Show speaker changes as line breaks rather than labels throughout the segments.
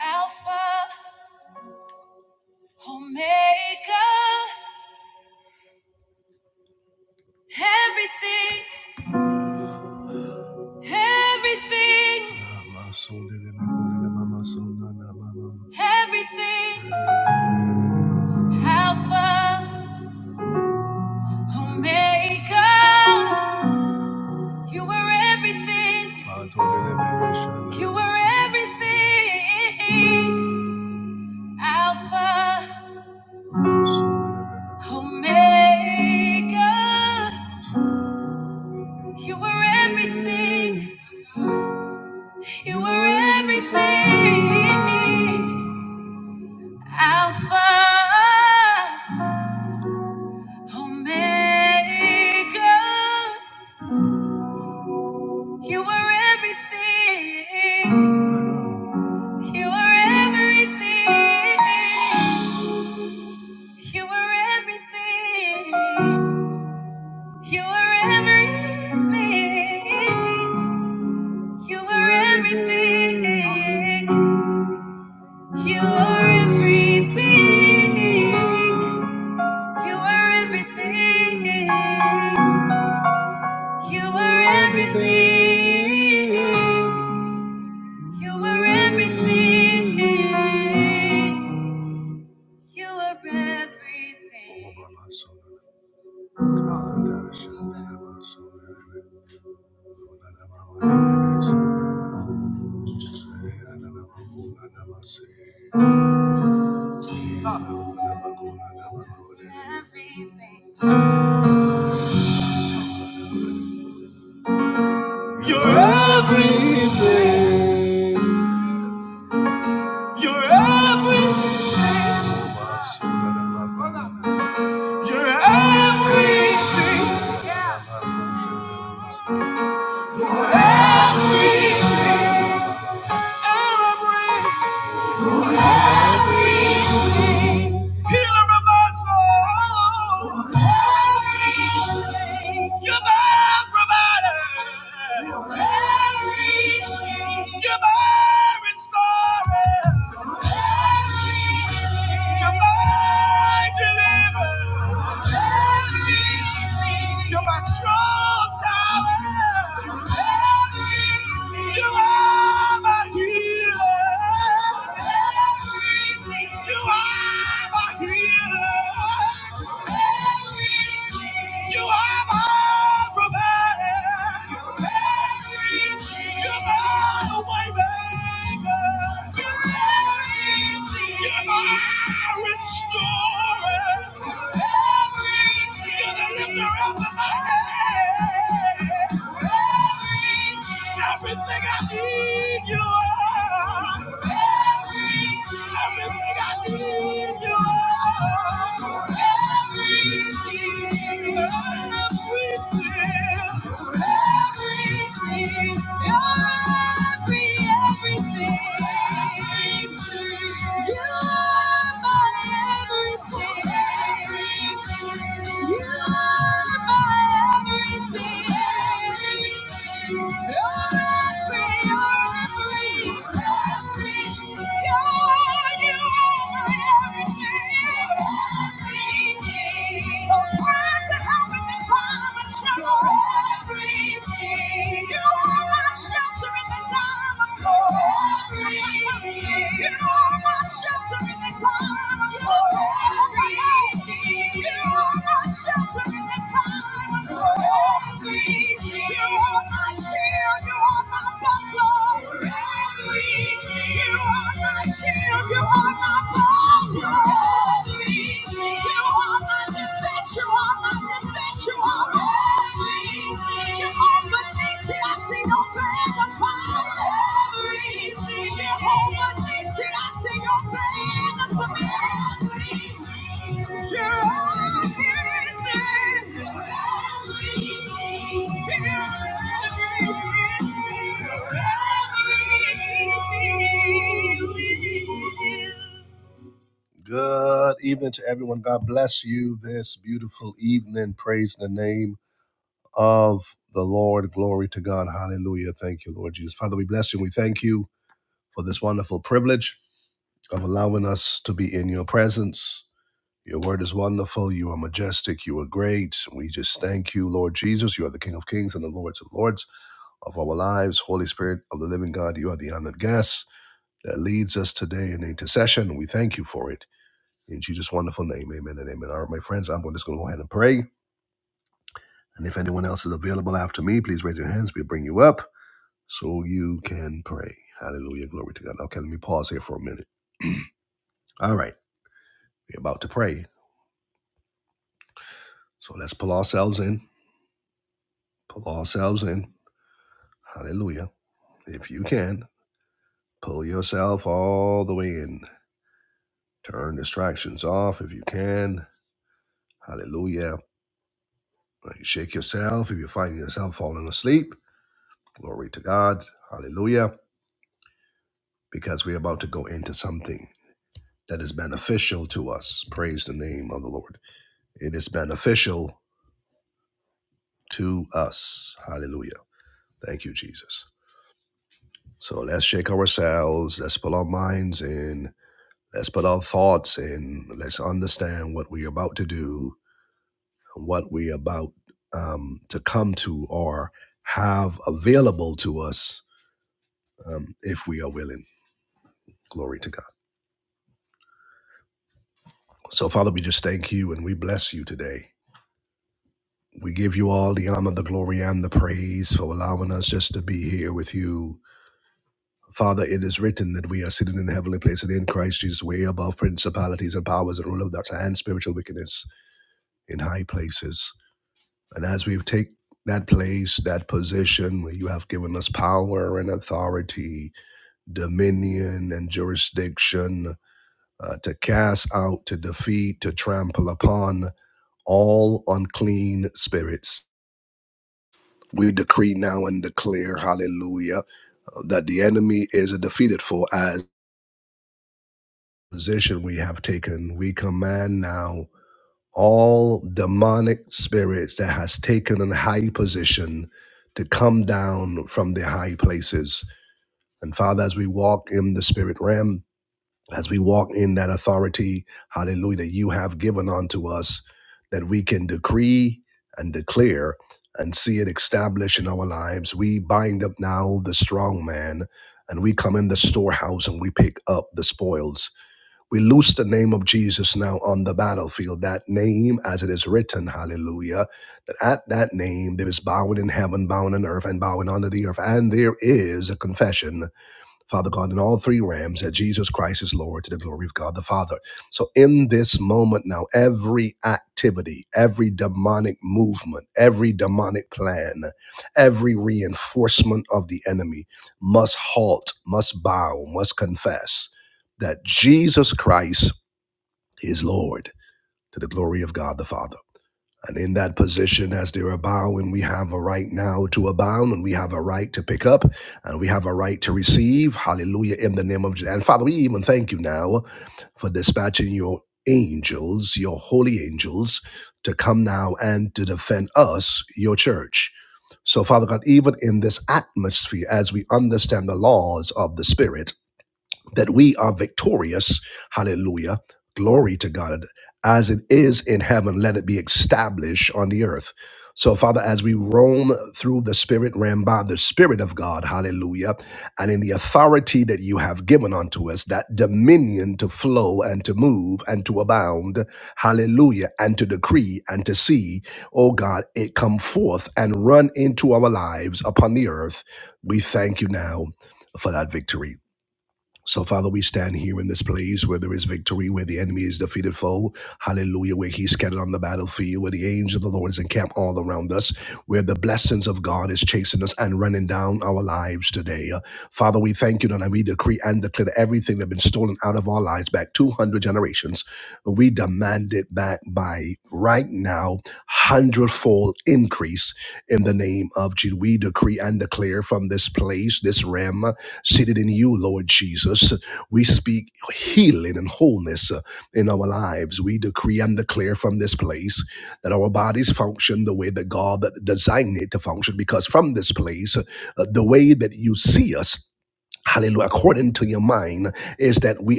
Alpha, Omega, everything, everything, everything. Alpha, Omega, you were everything. You were everything. Alpha, Omega, you were everything. You were everything, Alpha, Omega. You were everything, you were everything, you were everything, you were everything, you were everything, you were everything. You are everything. You are everything. You are everything. You are everything. Everything. You're every, you're every, you're everything. Every, every. healer of my soul. You're my provider. You're my restorer. You're my deliverer. You're my strong tower. You are my healer. You are my healer. You are my provider. You're everything. You're my way maker. You're everything. You're my restorer. You're everything. You're the lifter up of my head. You're everything. Everything I need, you are. You're everything. Everything I need, you are. You're everything. You're everything you you you are are are my my my Shield, you are my buckler. Thank you.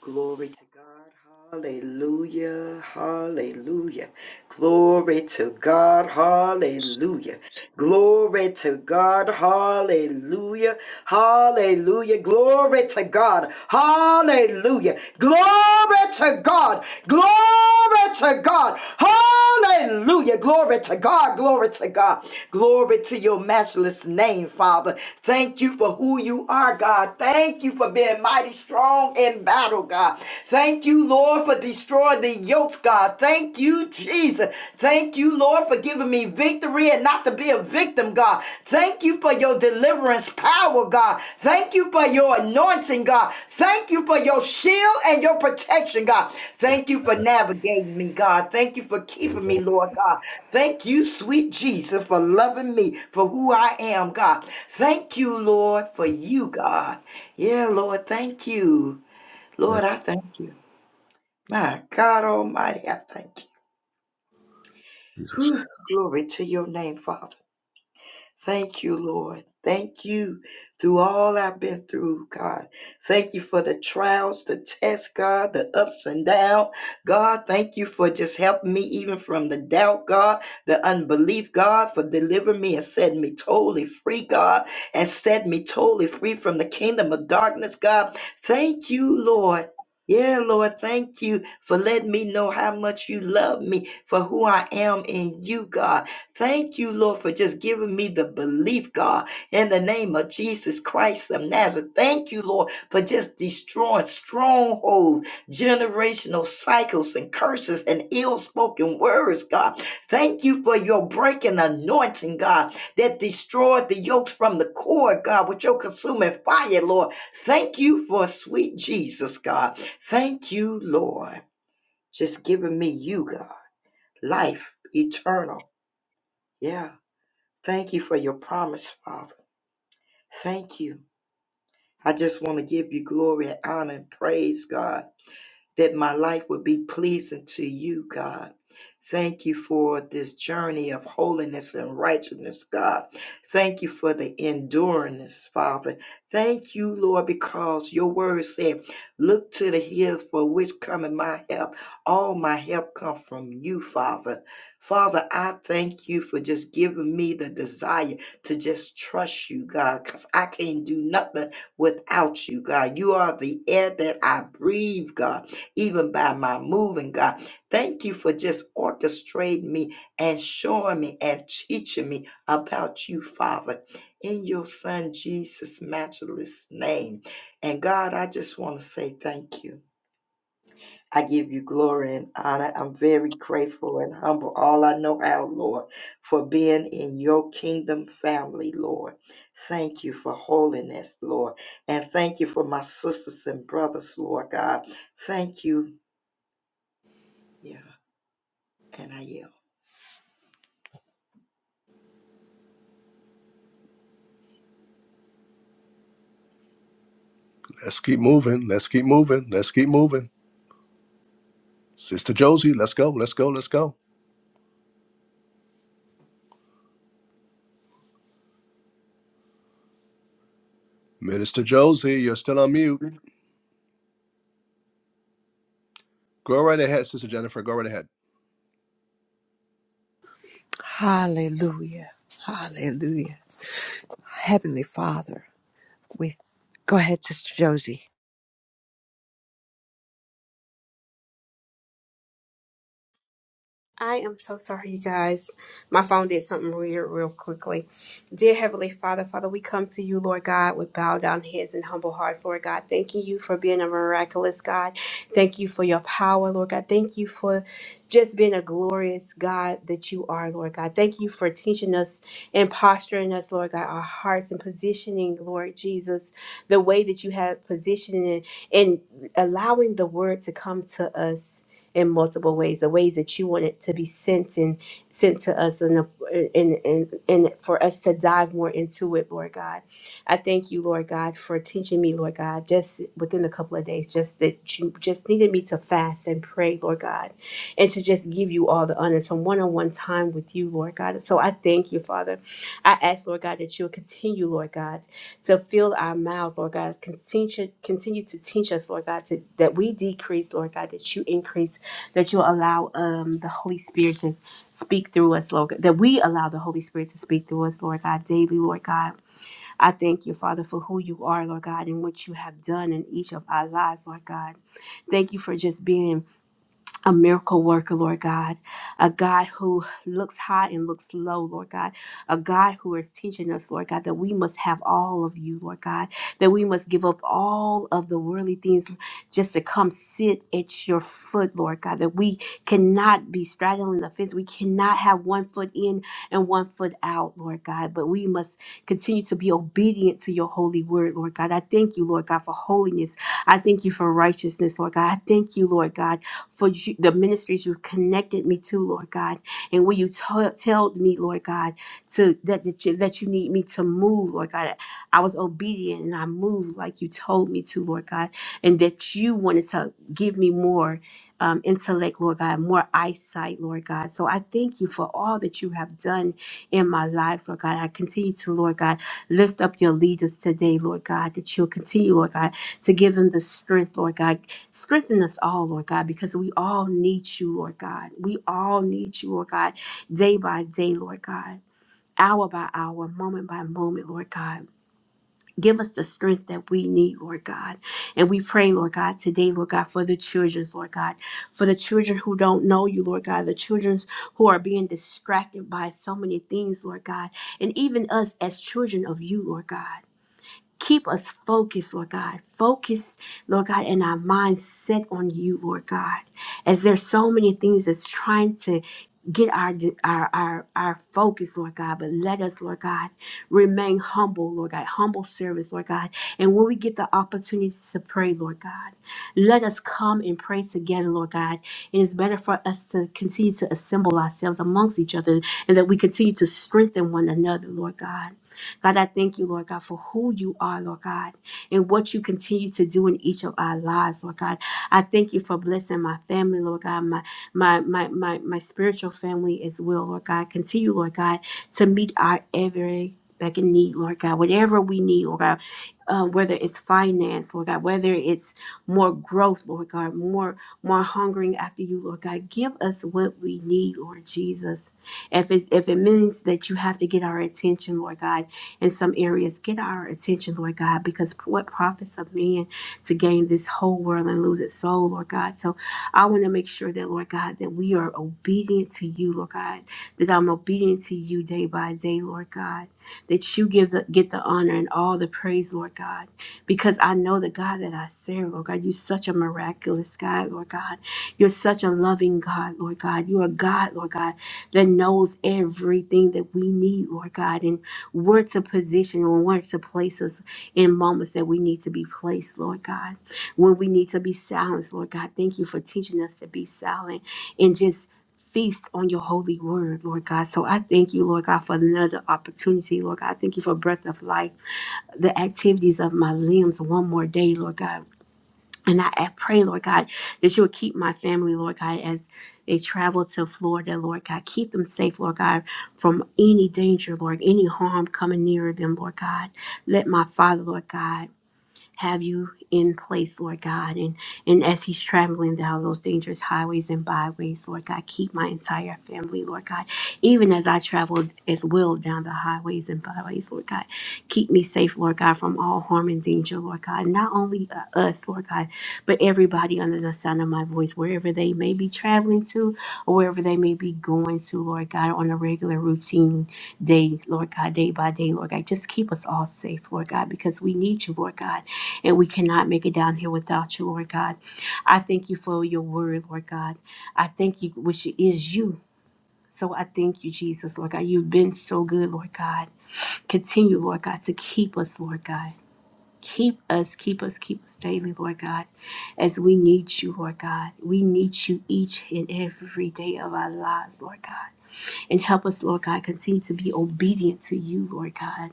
Glory to God. Hallelujah. Hallelujah. Glory to God. Hallelujah. Glory to God. Hallelujah. Hallelujah. Glory to God. Hallelujah. Glory to God. Glory to God. Hallelujah! Hallelujah. Glory to God. Glory to God. Glory to your matchless name, Father. Thank you for who you are, God. Thank you for being mighty strong in battle, God. Thank you, Lord, for destroying the yokes, God. Thank you, Jesus. Thank you, Lord, for giving me victory and not to be a victim, God. Thank you for your deliverance power, God. Thank you for your anointing, God. Thank you for your shield and your protection, God. Thank you for navigating me, God. Thank you for keeping me, Lord God. Thank you, sweet Jesus, for loving me for who I am, God. Thank you, Lord, for you, God. Yeah, Lord, thank you. Lord, I thank you. My God Almighty, I thank you. Whew, glory to your name, Father. Thank you, Lord. Thank you through all I've been through, God. Thank you for the trials, the tests, God, the ups and downs. God, thank you for just helping me even from the doubt, God, the unbelief, God, for delivering me and setting me totally free, God, and setting me totally free from the kingdom of darkness, God. Thank you, Lord. Yeah, Lord, thank you for letting me know how much you love me for who I am in you, God. Thank you, Lord, for just giving me the belief, God, in the name of Jesus Christ of Nazareth. Thank you, Lord, for just destroying strongholds, generational cycles, and curses and ill spoken words, God. Thank you for your breaking anointing, God, that destroyed the yokes from the core, God, with your consuming fire, Lord. Thank you for sweet Jesus, God. Thank you, Lord, just giving me you, God, life eternal. Yeah. Thank you for your promise, Father. Thank you. I just want to give you glory and honor and praise, God that my life would be pleasing to you, God. Thank you for this journey of holiness and righteousness, God. Thank you for the endurance, Father. Thank you, Lord, because your word said, Look to the hills for which cometh my help. All my help come from you, Father. Father, I thank you for just giving me the desire to just trust you, God, because I can't do nothing without you, God. You are the air that I breathe, God even by my moving, God. Thank you for just orchestrating me and showing me and teaching me about you, Father, in your Son Jesus' matchless name. And God, I just want to say thank you. I give you glory and honor. I'm very grateful and humble, all I know how, Lord, for being in your kingdom family, Lord. Thank you for holiness, Lord. And thank you for my sisters and brothers, Lord God. Thank you. Yeah. And I yield.
Hallelujah. Hallelujah. Heavenly Father, we go ahead, Sister Josie.
I am so sorry, you guys. My phone did something weird real quickly. Dear Heavenly Father, Father, we come to you, Lord God, with bowed down heads and humble hearts, Lord God. Thanking you for being a miraculous God. Thank you for your power, Lord God. Thank you for just being a glorious God that you are, Lord God. Thank you for teaching us and posturing us, Lord God, our hearts and positioning, Lord Jesus, the way that you have positioned it and allowing the word to come to us in multiple ways, the ways that you want it to be sent and sent to us and and and, and for us to dive more into it, Lord God. I thank you, Lord God, for teaching me, Lord God, just within a couple of days, just that you just needed me to fast and pray, Lord God, and to just give you all the honor, some one-on-one time with you, Lord God. So I thank you, Father. I ask, Lord God, that you will continue, Lord God, to fill our mouths, Lord God. Continue, continue to teach us, Lord God, to, that we decrease, Lord God, that you increase that you allow um, the Holy Spirit to speak through us, Lord, that we allow the Holy Spirit to speak through us, Lord God, daily, Lord God. I thank you, Father, for who you are, Lord God, and what you have done in each of our lives, Lord God. Thank you for just being a miracle worker, Lord God, a God who looks high and looks low, Lord God, a God who is teaching us, Lord God, that we must have all of you, Lord God, that we must give up all of the worldly things just to come sit at your foot, Lord God, that we cannot be straddling the fence. We cannot have one foot in and one foot out, Lord God, but we must continue to be obedient to your holy word, Lord God. I thank you, Lord God, for holiness. I thank you for righteousness, Lord God. I thank you, Lord God for you, the ministries you've connected me to, Lord God, and where you t- told me, Lord God, to that that you, that you need me to move, Lord God. I was obedient and I moved like you told me to, Lord God, and that you wanted to give me more um, intellect, Lord God, more eyesight, Lord God. So I thank you for all that you have done in my life, Lord God. I continue to, Lord God, lift up your leaders today, Lord God, that you'll continue, Lord God, to give them the strength, Lord God. Strengthen us all, Lord God, because we all need you, Lord God. We all need you, Lord God, day by day, Lord God, hour by hour, moment by moment, Lord God. Give us the strength that we need, Lord God. And we pray, Lord God, today, Lord God, for the children, Lord God, for the children who don't know you, Lord God, the children who are being distracted by so many things, Lord God, and even us as children of you, Lord God. Keep us focused, Lord God. Focus, Lord God, and our minds set on you, Lord God. As there's so many things that's trying to get our, our our our focus, Lord God. But let us, Lord God, remain humble, Lord God, humble service, Lord God. And when we get the opportunity to pray, Lord God, let us come and pray together, Lord God. It is better for us to continue to assemble ourselves amongst each other and that we continue to strengthen one another, Lord God. God, I thank you, Lord God, for who you are, Lord God, and what you continue to do in each of our lives, Lord God. I thank you for blessing my family, Lord God, my my my my, my spiritual family as well, Lord God. Continue, Lord God, to meet our every back in need, Lord God, whatever we need, Lord God. Uh, whether it's finance, Lord God, whether it's more growth, Lord God, more more hungering after you, Lord God. Give us what we need, Lord Jesus. If it if it means that you have to get our attention, Lord God, in some areas. Get our attention, Lord God, because what profits of man to gain this whole world and lose its soul, Lord God? So I want to make sure that, Lord God, that we are obedient to you, Lord God, that I'm obedient to you day by day, Lord God, that you give the, get the honor and all the praise, Lord God, because I know the God that I serve, Lord God. You're such a miraculous God, Lord God. You're such a loving God, Lord God. You're a God, Lord God, that knows everything that we need, Lord God. and where to position or where to place us in moments that we need to be placed, Lord God, when we need to be silenced, Lord God. Thank you for teaching us to be silent and just feast on your holy word, Lord God. So I thank you, Lord God, for another opportunity, Lord God. I thank you for breath of life, the activities of my limbs one more day, Lord God. And I, I pray, Lord God, that you would keep my family, Lord God, as they travel to Florida, Lord God. Keep them safe, Lord God, from any danger, Lord, any harm coming near them, Lord God. Let my father, Lord God have you in place, Lord God. And and as he's traveling down those dangerous highways and byways, Lord God, keep my entire family, Lord God. Even as I travel as well down the highways and byways, Lord God, keep me safe, Lord God, from all harm and danger, Lord God. Not only uh, us, Lord God, but everybody under the sound of my voice, wherever they may be traveling to or wherever they may be going to, Lord God, on a regular routine day, Lord God, day by day, Lord God. Just keep us all safe, Lord God, because we need you, Lord God and we cannot make it down here without you, Lord God. I thank you for your word, Lord God. I thank you, which is you. So I thank you, Jesus, Lord God. You've been so good, Lord God. Continue, Lord God, to keep us, Lord God. Keep us, keep us, keep us daily, Lord God, as we need you, Lord God. We need you each and every day of our lives, Lord God. And help us, Lord God, continue to be obedient to you, Lord God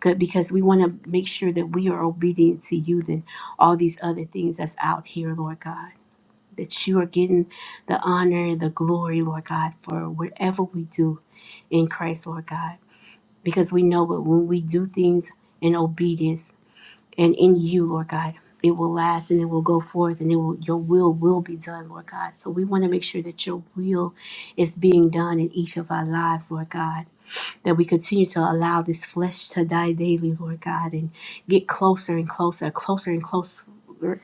good because we want to make sure that we are obedient to you than all these other things that's out here, Lord God. That you are getting the honor and the glory, Lord God, for whatever we do in Christ, Lord God. Because we know that when we do things in obedience and in you, Lord God, it will last and it will go forth and it will your will will be done, Lord God. So we want to make sure that your will is being done in each of our lives, Lord God that we continue to allow this flesh to die daily, Lord God, and get closer and closer, closer and closer,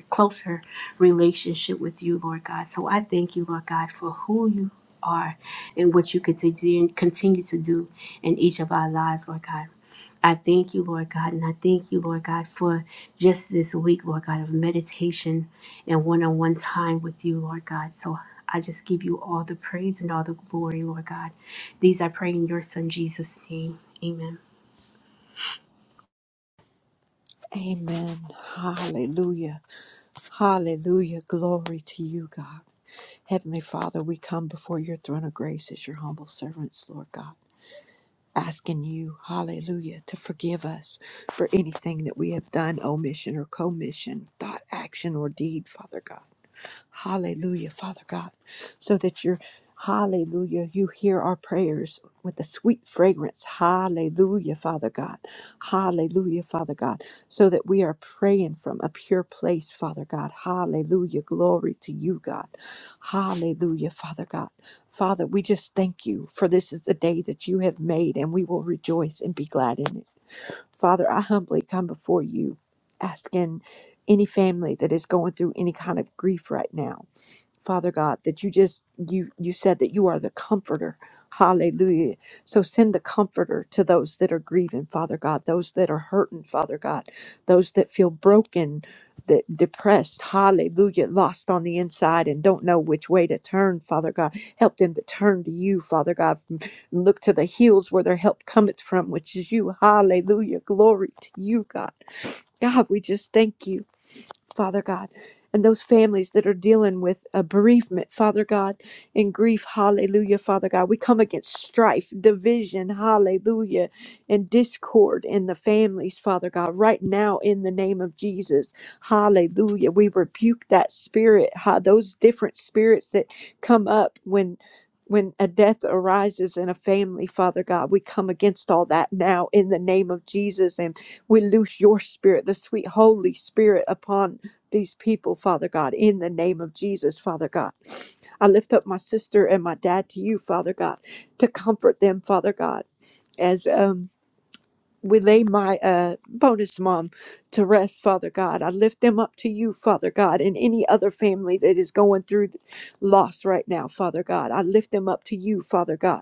closer relationship with you, Lord God. So I thank you, Lord God, for who you are and what you continue continue to do in each of our lives, Lord God. I thank you, Lord God, and I thank you, Lord God, for just this week, Lord God, of meditation and one on one time with you, Lord God. So I just give you all the praise and all the glory, Lord God. These I pray in your son Jesus' name. Amen.
Amen. Hallelujah. Hallelujah. Glory to you, God. Heavenly Father, we come before your throne of grace as your humble servants, Lord God, asking you, hallelujah, to forgive us for anything that we have done, omission or commission, thought, action, or deed, Father God. Hallelujah, Father God, so that you're, hallelujah, you hear our prayers with a sweet fragrance. Hallelujah, Father God. Hallelujah, Father God, so that we are praying from a pure place, Father God. Hallelujah, glory to you, God. Hallelujah, Father God. Father, we just thank you for this is the day that you have made, and we will rejoice and be glad in it. Father, I humbly come before you asking any family that is going through any kind of grief right now. Father God, that you just you you said that you are the comforter. Hallelujah. So send the comforter to those that are grieving, Father God, those that are hurting, Father God, those that feel broken, that depressed, hallelujah, lost on the inside and don't know which way to turn, Father God. Help them to turn to you, Father God. and Look to the hills where their help cometh from, which is you. Hallelujah. Glory to you, God. God, we just thank you. Father God, and those families that are dealing with a bereavement, Father God, and grief, hallelujah, Father God. We come against strife, division, hallelujah, and discord in the families, Father God, right now in the name of Jesus, hallelujah. We rebuke that spirit, ha, those different spirits that come up when. When a death arises in a family, Father God, we come against all that now in the name of Jesus and we loose your spirit, the sweet Holy Spirit, upon these people, Father God, in the name of Jesus, Father God. I lift up my sister and my dad to you, Father God, to comfort them, Father God, as um we lay my uh bonus mom to rest, Father God. I lift them up to you, Father God, and any other family that is going through loss right now, Father God. I lift them up to you, Father God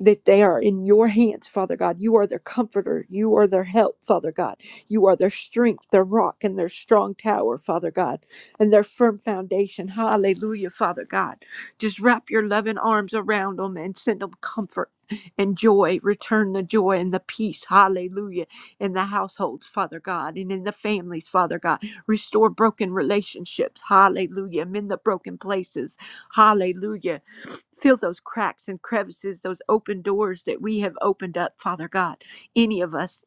that they are in your hands, Father God. You are their comforter. You are their help, Father God. You are their strength, their rock, and their strong tower, Father God, and their firm foundation. Hallelujah, Father God. Just wrap your loving arms around them and send them comfort and joy. Return the joy and the peace, hallelujah, in the households, Father God, and in the families, Father God. Restore broken relationships, hallelujah, mend the broken places, hallelujah Fill those cracks and crevices, those open doors that we have opened up, Father God, any of us.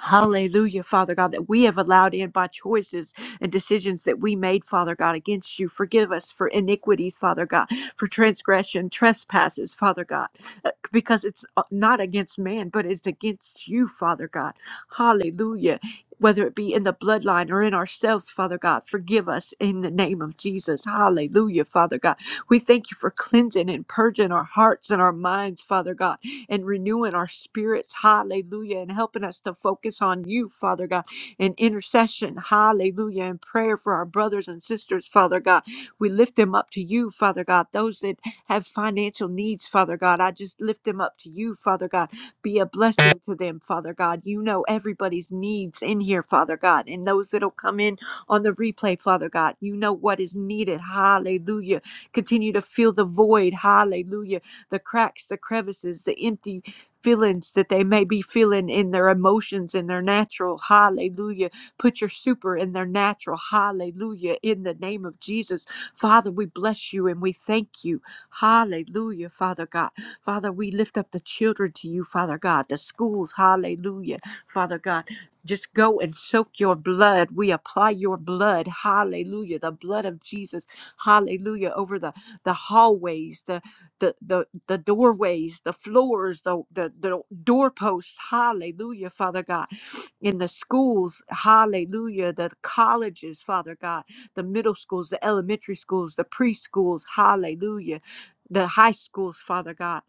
Hallelujah, Father God, that we have allowed in by choices and decisions that we made, Father God, against you. Forgive us for iniquities, Father God, for transgression, trespasses, Father God, uh, because it's uh, not against man, but it's against you, Father God. Hallelujah. Whether it be in the bloodline or in ourselves, Father God, forgive us in the name of Jesus. Hallelujah, Father God. We thank you for cleansing and purging our hearts and our minds, Father God and renewing our spirits. Hallelujah. And helping us to focus on you, Father God, and intercession. Hallelujah. And prayer for our brothers and sisters, Father God. We lift them up to you, Father God. Those that have financial needs, Father God, I just lift them up to you, Father God. Be a blessing to them, Father God. You know everybody's needs in here, Father God, and those that'll come in on the replay, Father God. You know what is needed. Hallelujah. Continue to fill the void. Hallelujah the cracks, the crevices, the empty feelings that they may be feeling in their emotions in their natural. Hallelujah. Put your super in their natural. Hallelujah. In the name of Jesus. Father, we bless you and we thank you. Hallelujah, Father God. Father, we lift up the children to you, Father God, the schools. Hallelujah, Father God. Just go and soak your blood. We apply your blood. Hallelujah. The blood of Jesus. Hallelujah. Over the, the hallways, the the the the doorways, the floors, the the, the doorposts. Hallelujah, Father God. In the schools, hallelujah, the colleges, Father God, the middle schools, the elementary schools, the preschools, hallelujah, the high schools, Father God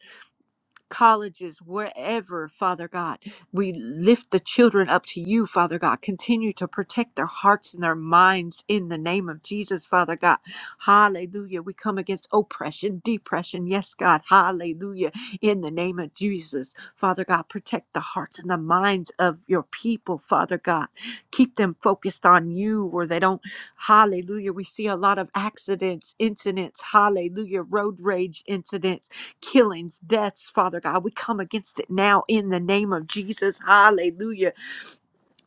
colleges, wherever, Father God. We lift the children up to you, Father God. Continue to protect their hearts and their minds in the name of Jesus, Father God. Hallelujah. We come against oppression, depression. Yes, God. Hallelujah. In the name of Jesus, Father God, protect the hearts and the minds of your people, Father God. Keep them focused on you where they don't. Hallelujah. We see a lot of accidents, incidents. Hallelujah. Road rage incidents killings, deaths, Father God. We come against it now in the name of Jesus. Hallelujah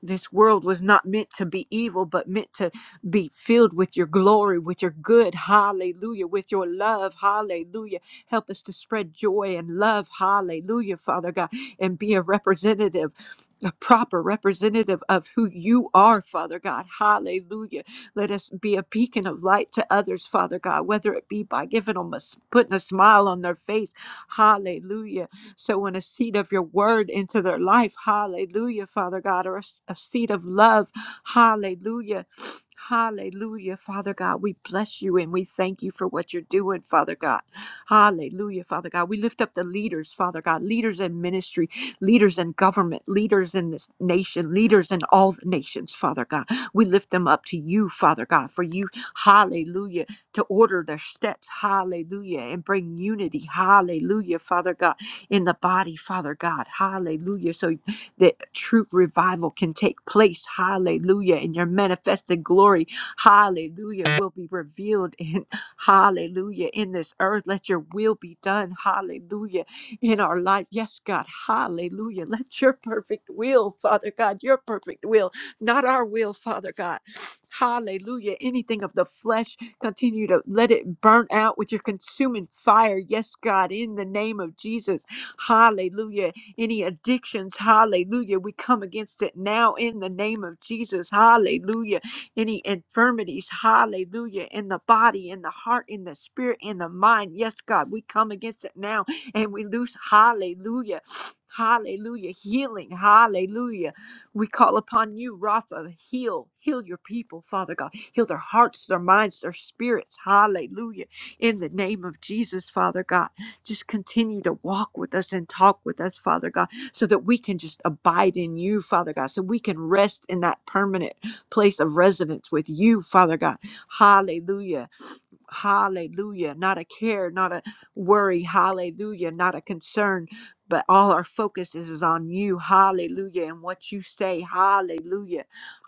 this world was not meant to be evil, but meant to be filled with your glory, with your good. Hallelujah. With your love. Hallelujah. Help us to spread joy and love. Hallelujah, Father God, and be a representative, a proper representative of who you are, Father God. Hallelujah. Let us be a beacon of light to others, Father God, whether it be by giving them a s- putting a smile on their face. Hallelujah sowing a seed of your word into their life. Hallelujah, Father God, or a a seed of love. Hallelujah. Hallelujah, Father God. We bless you and we thank you for what you're doing, Father God. Hallelujah, Father God. We lift up the leaders, Father God, leaders in ministry, leaders in government, leaders in this nation, leaders in all the nations, Father God. We lift them up to you, Father God, for you, hallelujah, to order their steps, hallelujah, and bring unity, hallelujah, Father God in the body, Father God. Hallelujah. So that true revival can take place. Hallelujah. And your manifested glory, hallelujah, will be revealed in hallelujah in this earth. Let your will be done. Hallelujah. In our life. Yes, God. Hallelujah. Let your perfect will, Father God, your perfect will, not our will, Father God. Hallelujah. Anything of the flesh, continue to let it burn out with your consuming fire. Yes, God, in the name of Jesus. Hallelujah. Any addictions, hallelujah. We come against it now in the name of Jesus. Hallelujah. Any infirmities, hallelujah. In the body, in the heart, in the spirit, in the mind. Yes, God, we come against it now and we loose, hallelujah. Hallelujah. Healing. Hallelujah. We call upon you, Rapha. Heal. Heal your people, Father God. Heal their hearts, their minds, their spirits. Hallelujah. In the name of Jesus, Father God. Just continue to walk with us and talk with us, Father God, so that we can just abide in you, Father God, so we can rest in that permanent place of residence with you, Father God. Hallelujah. Hallelujah. Not a care, not a worry. Hallelujah. Not a concern, but all our focus is, is on you. Hallelujah. And what you say. Hallelujah.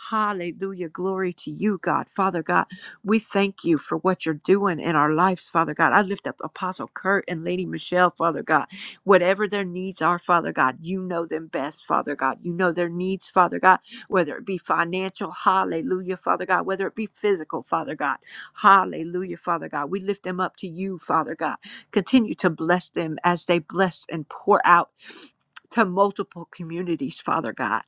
Hallelujah. Glory to you, God. Father God, we thank you for what you're doing in our lives, Father God. I lift up Apostle Kurt and Lady Michelle, Father God. Whatever their needs are, Father God, you know them best, Father God. You know their needs, Father God, whether it be financial, hallelujah, Father God, whether it be physical, Father God. Hallelujah, Father God. We lift them up to you, Father God. Continue to bless them as they bless and pour out to multiple communities, Father God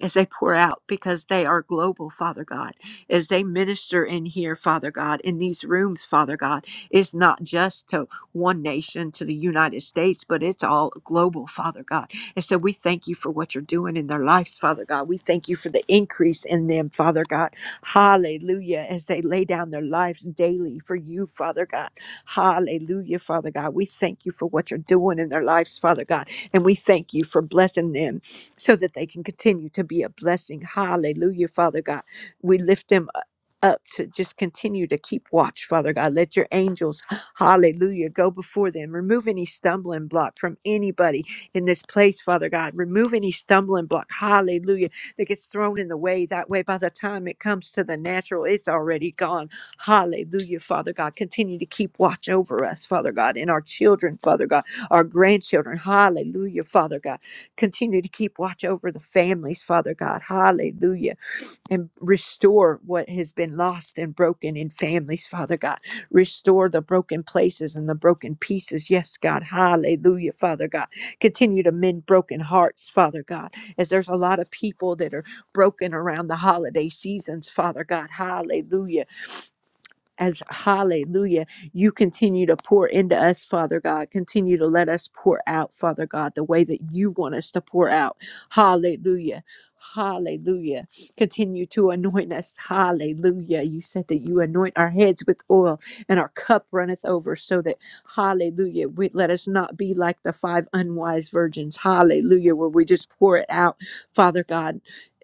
as they pour out because they are global, Father God, as they minister in here, Father God, in these rooms, Father God. It's not just to one nation, to the United States, but it's all global, Father God. And so we thank you for what you're doing in their lives, Father God. We thank you for the increase in them, Father God. Hallelujah, as they lay down their lives daily for you, Father God. Hallelujah, Father God. We thank you for what you're doing in their lives, Father God. And we thank you for blessing them so that they can continue to be a blessing. Hallelujah, Father God. We lift them u- up to just continue to keep watch, Father God. Let your angels, hallelujah, go before them. Remove any stumbling block from anybody in this place, Father God. Remove any stumbling block, hallelujah, that gets thrown in the way. That way, by the time it comes to the natural, it's already gone. Hallelujah, Father God. Continue to keep watch over us, Father God, and our children, Father God, our grandchildren. Hallelujah, Father God. Continue to keep watch over the families, Father God. Hallelujah. And restore what has been lost and broken in families, Father God. Restore the broken places and the broken pieces. Yes, God. Hallelujah, Father God. Continue to mend broken hearts, Father God, as there's a lot of people that are broken around the holiday seasons, Father God. Hallelujah as hallelujah, you continue to pour into us, Father God. Continue to let us pour out, Father God, the way that you want us to pour out. Hallelujah. Hallelujah. Continue to anoint us. Hallelujah. You said that you anoint our heads with oil and our cup runneth over so that, hallelujah, we, let us not be like the five unwise virgins. Hallelujah, where we just pour it out, Father God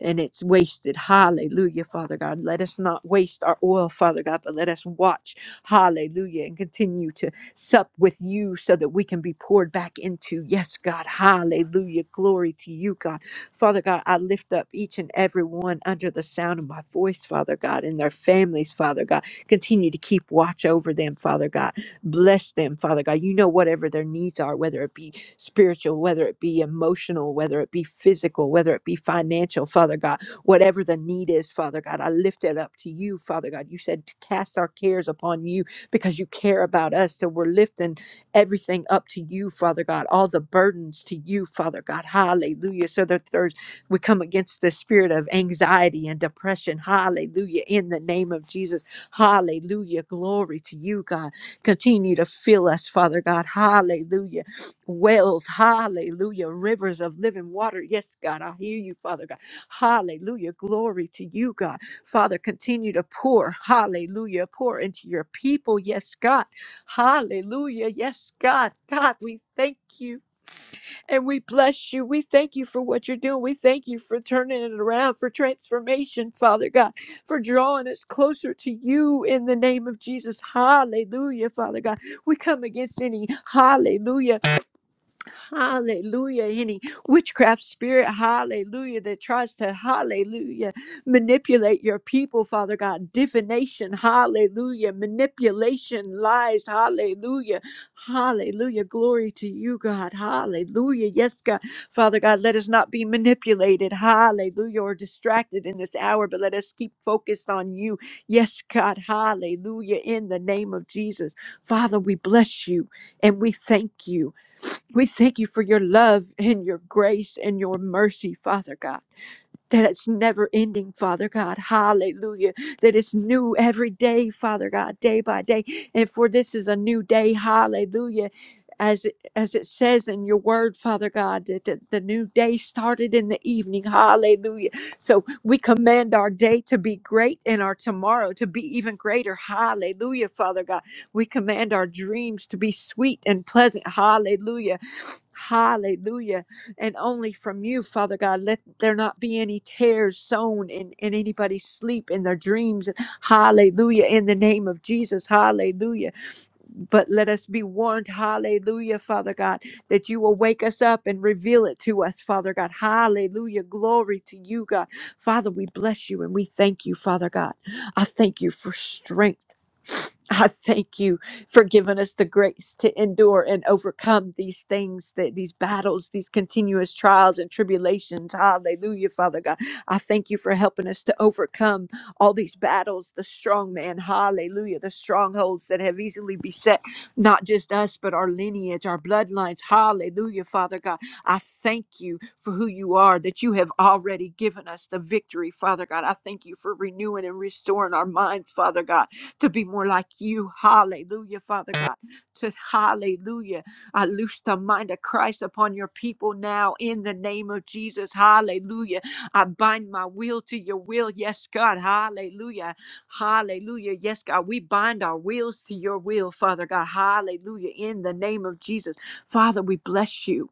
and it's wasted. Hallelujah, Father God. Let us not waste our oil, Father God, but let us watch. Hallelujah. And continue to sup with you so that we can be poured back into. Yes, God. Hallelujah. Glory to you, God. Father God, I lift up each and every one under the sound of my voice, Father God, and their families, Father God. Continue to keep watch over them, Father God. Bless them, Father God. You know whatever their needs are, whether it be spiritual, whether it be emotional, whether it be physical, whether it be financial, Father God, whatever the need is, Father God, I lift it up to you, Father God. You said to cast our cares upon you because you care about us. So we're lifting everything up to you, Father God, all the burdens to you, Father God. Hallelujah. So that there's we come against the spirit of anxiety and depression. Hallelujah. In the name of Jesus. Hallelujah. Glory to you, God. Continue to fill us, Father God. Hallelujah wells, hallelujah, rivers of living water. Yes, God, I hear you, Father God. Hallelujah, glory to you, God. Father, continue to pour, hallelujah, pour into your people. Yes, God, hallelujah, yes, God. God, we thank you and we bless you. We thank you for what you're doing. We thank you for turning it around, for transformation, Father God, for drawing us closer to you in the name of Jesus. Hallelujah, Father God. We come against any hallelujah. Hallelujah. Any witchcraft spirit, hallelujah, that tries to, hallelujah, manipulate your people, Father God. Divination, hallelujah. Manipulation, lies, hallelujah. Hallelujah. Glory to you, God. Hallelujah. Yes, God. Father God, let us not be manipulated, hallelujah, or distracted in this hour, but let us keep focused on you. Yes, God. Hallelujah. In the name of Jesus. Father, we bless you and we thank you. We thank you for your love and your grace and your mercy, Father God that it's never ending, Father God. Hallelujah. That it's new every day, Father God, day by day. And for this is a new day. Hallelujah. As it, as it says in your word, Father God, that the, the new day started in the evening. Hallelujah. So we command our day to be great and our tomorrow to be even greater. Hallelujah, Father God. We command our dreams to be sweet and pleasant. Hallelujah. Hallelujah and only from you, Father God. Let there not be any tears sown in, in anybody's sleep, in their dreams. Hallelujah. In the name of Jesus. Hallelujah. But let us be warned, hallelujah, Father God, that you will wake us up and reveal it to us, Father God. Hallelujah. Glory to you, God. Father, we bless you and we thank you, Father God. I thank you for strength. I thank you for giving us the grace to endure and overcome these things, that these battles, these continuous trials and tribulations. Hallelujah, Father God. I thank you for helping us to overcome all these battles, the strong man, hallelujah, the strongholds that have easily beset not just us, but our lineage, our bloodlines, hallelujah, Father God. I thank you for who you are, that you have already given us the victory, Father God. I thank you for renewing and restoring our minds, Father God, to be more like you, hallelujah, Father God. To hallelujah, I loose the mind of Christ upon your people now in the name of Jesus, hallelujah I bind my will to your will. Yes, God. Hallelujah. Hallelujah. Yes, God. We bind our wills to your will, Father God. Hallelujah. In the name of Jesus. Father, we bless you.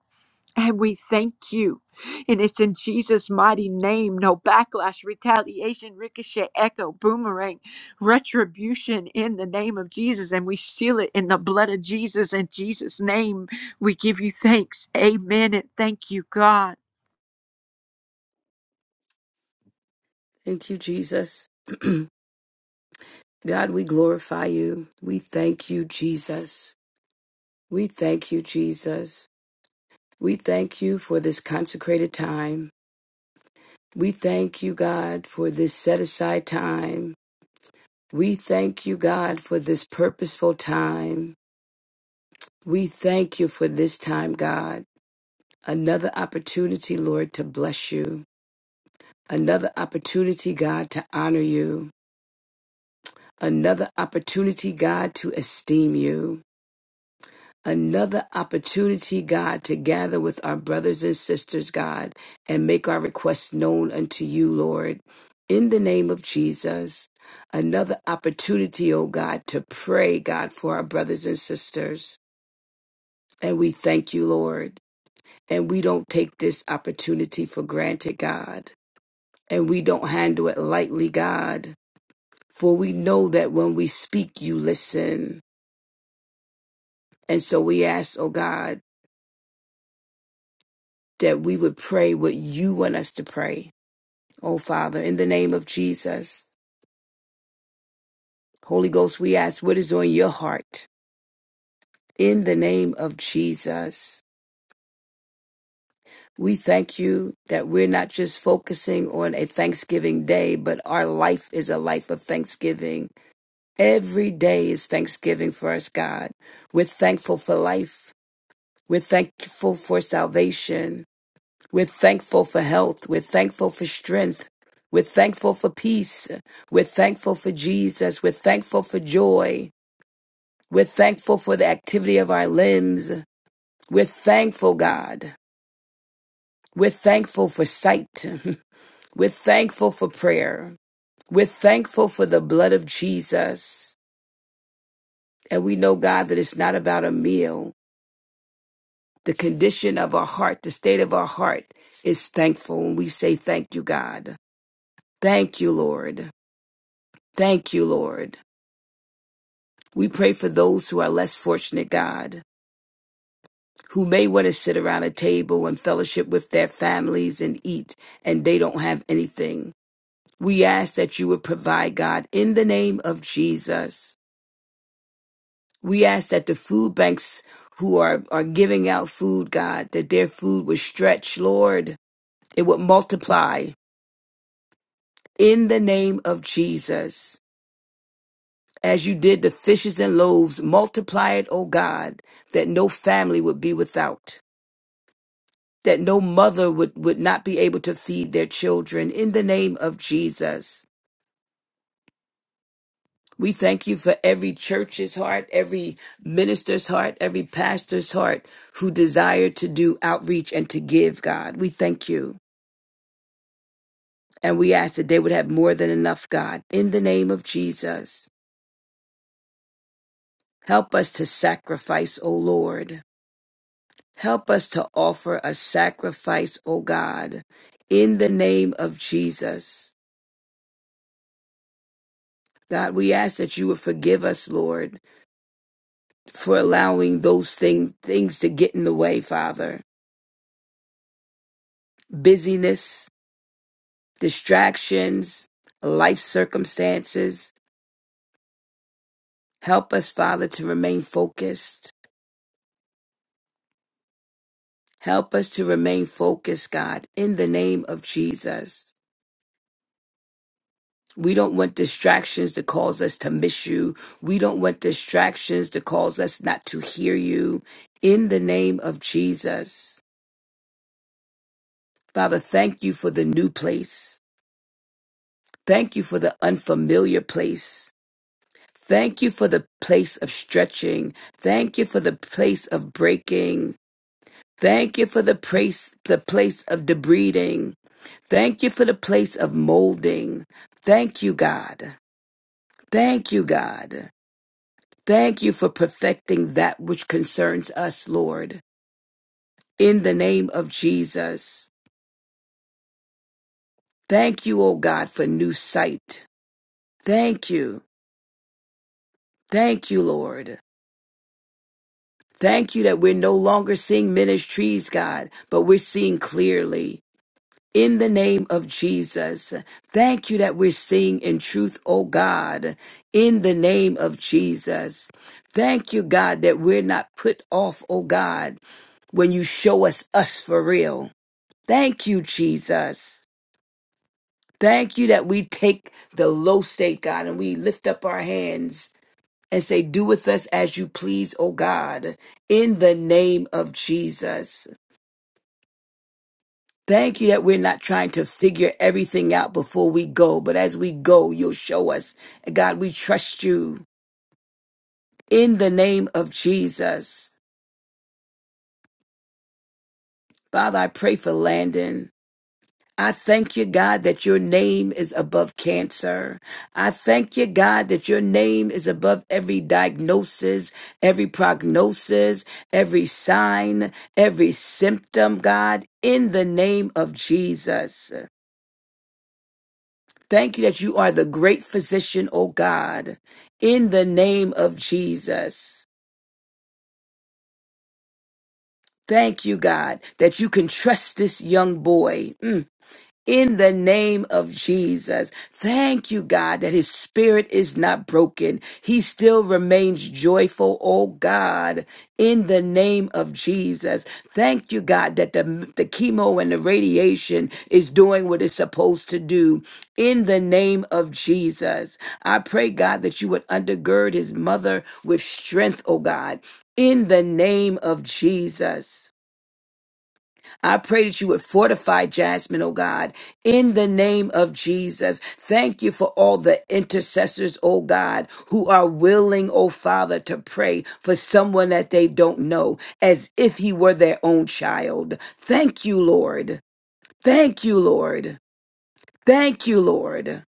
And we thank you. And it's in Jesus' mighty name. No backlash, retaliation, ricochet, echo, boomerang, retribution in the name of Jesus. And we seal it in the blood of Jesus. In Jesus' name, we give you thanks. Amen. And thank you, God.
Thank you, Jesus. God, we glorify you. We thank you, Jesus. We thank you, Jesus. We thank you for this consecrated time. We thank you, God, for this set aside time. We thank you, God, for this purposeful time. We thank you for this time, God. Another opportunity, Lord, to bless you. Another opportunity, God, to honor you. Another opportunity, God, to esteem you another opportunity, God, to gather with our brothers and sisters, God, and make our requests known unto you, Lord. In the name of Jesus, another opportunity, oh God, to pray, God, for our brothers and sisters. And we thank you, Lord. And we don't take this opportunity for granted, God. And we don't handle it lightly, God. For we know that when we speak, you listen. And so we ask, oh God, that we would pray what you want us to pray. Oh, Father, in the name of Jesus, Holy Ghost, we ask what is on your heart. In the name of Jesus, we thank you that we're not just focusing on a Thanksgiving day, but our life is a life of Thanksgiving. Every day is Thanksgiving for us, God. We're thankful for life. We're thankful for salvation. We're thankful for health. We're thankful for strength. We're thankful for peace. We're thankful for Jesus. We're thankful for joy. We're thankful for the activity of our limbs. We're thankful, God. We're thankful for sight. We're thankful for prayer. We're thankful for the blood of Jesus. And we know, God, that it's not about a meal. The condition of our heart, the state of our heart is thankful. And we say, Thank you, God. Thank you, Lord. Thank you, Lord. We pray for those who are less fortunate, God, who may want to sit around a table and fellowship with their families and eat, and they don't have anything. We ask that you would provide, God, in the name of Jesus. We ask that the food banks who are, are giving out food, God, that their food would stretch, Lord. It would multiply in the name of Jesus. As you did the fishes and loaves, multiply it, O God, that no family would be without, that no mother would, would not be able to feed their children. In the name of Jesus. We thank you for every church's heart, every minister's heart, every pastor's heart who desire to do outreach and to give, God. We thank you. And we ask that they would have more than enough, God. In the name of Jesus, help us to sacrifice, O Lord. Help us to offer a sacrifice, O God, in the name of Jesus. God, we ask that you would forgive us, Lord, for allowing those things things to get in the way, Father. Busyness, distractions, life circumstances. Help us, Father, to remain focused. Help us to remain focused, God, in the name of Jesus. We don't want distractions to cause us to miss you. We don't want distractions to cause us not to hear you. In the name of Jesus, Father, thank you for the new place. Thank you for the unfamiliar place. Thank you for the place of stretching. Thank you for the place of breaking. Thank you for the place, the place of debriding. Thank you for the place of molding. Thank you, God. Thank you, God. Thank you for perfecting that which concerns us, Lord, in the name of Jesus. Thank you, O God, for new sight. Thank you. Thank you, Lord. Thank you that we're no longer seeing ministries, God, but we're seeing clearly. In the name of Jesus, thank you that we're seeing in truth, O God, in the name of Jesus. Thank you, God, that we're not put off, O God, when you show us us for real. Thank you, Jesus. Thank you that we take the low state, God, and we lift up our hands and say, Do with us as you please, O God, in the name of Jesus. Thank you that we're not trying to figure everything out before we go, but as we go, you'll show us. God, we trust you in the name of Jesus. Father, I pray for Landon. I thank you, God, that your name is above cancer. I thank you, God, that your name is above every diagnosis, every prognosis, every sign, every symptom, God, in the name of Jesus. Thank you that you are the great physician, O God, in the name of Jesus. Thank you, God, that you can trust this young boy. Mm in the name of Jesus. Thank you, God, that his spirit is not broken. He still remains joyful, oh God, in the name of Jesus. Thank you, God, that the, the chemo and the radiation is doing what it's supposed to do in the name of Jesus. I pray, God, that you would undergird his mother with strength, oh God, in the name of Jesus. I pray that you would fortify Jasmine, oh God, in the name of Jesus. Thank you for all the intercessors, oh God, who are willing, oh Father, to pray for someone that they don't know as if he were their own child. Thank you, Lord. Thank you, Lord. Thank you, Lord.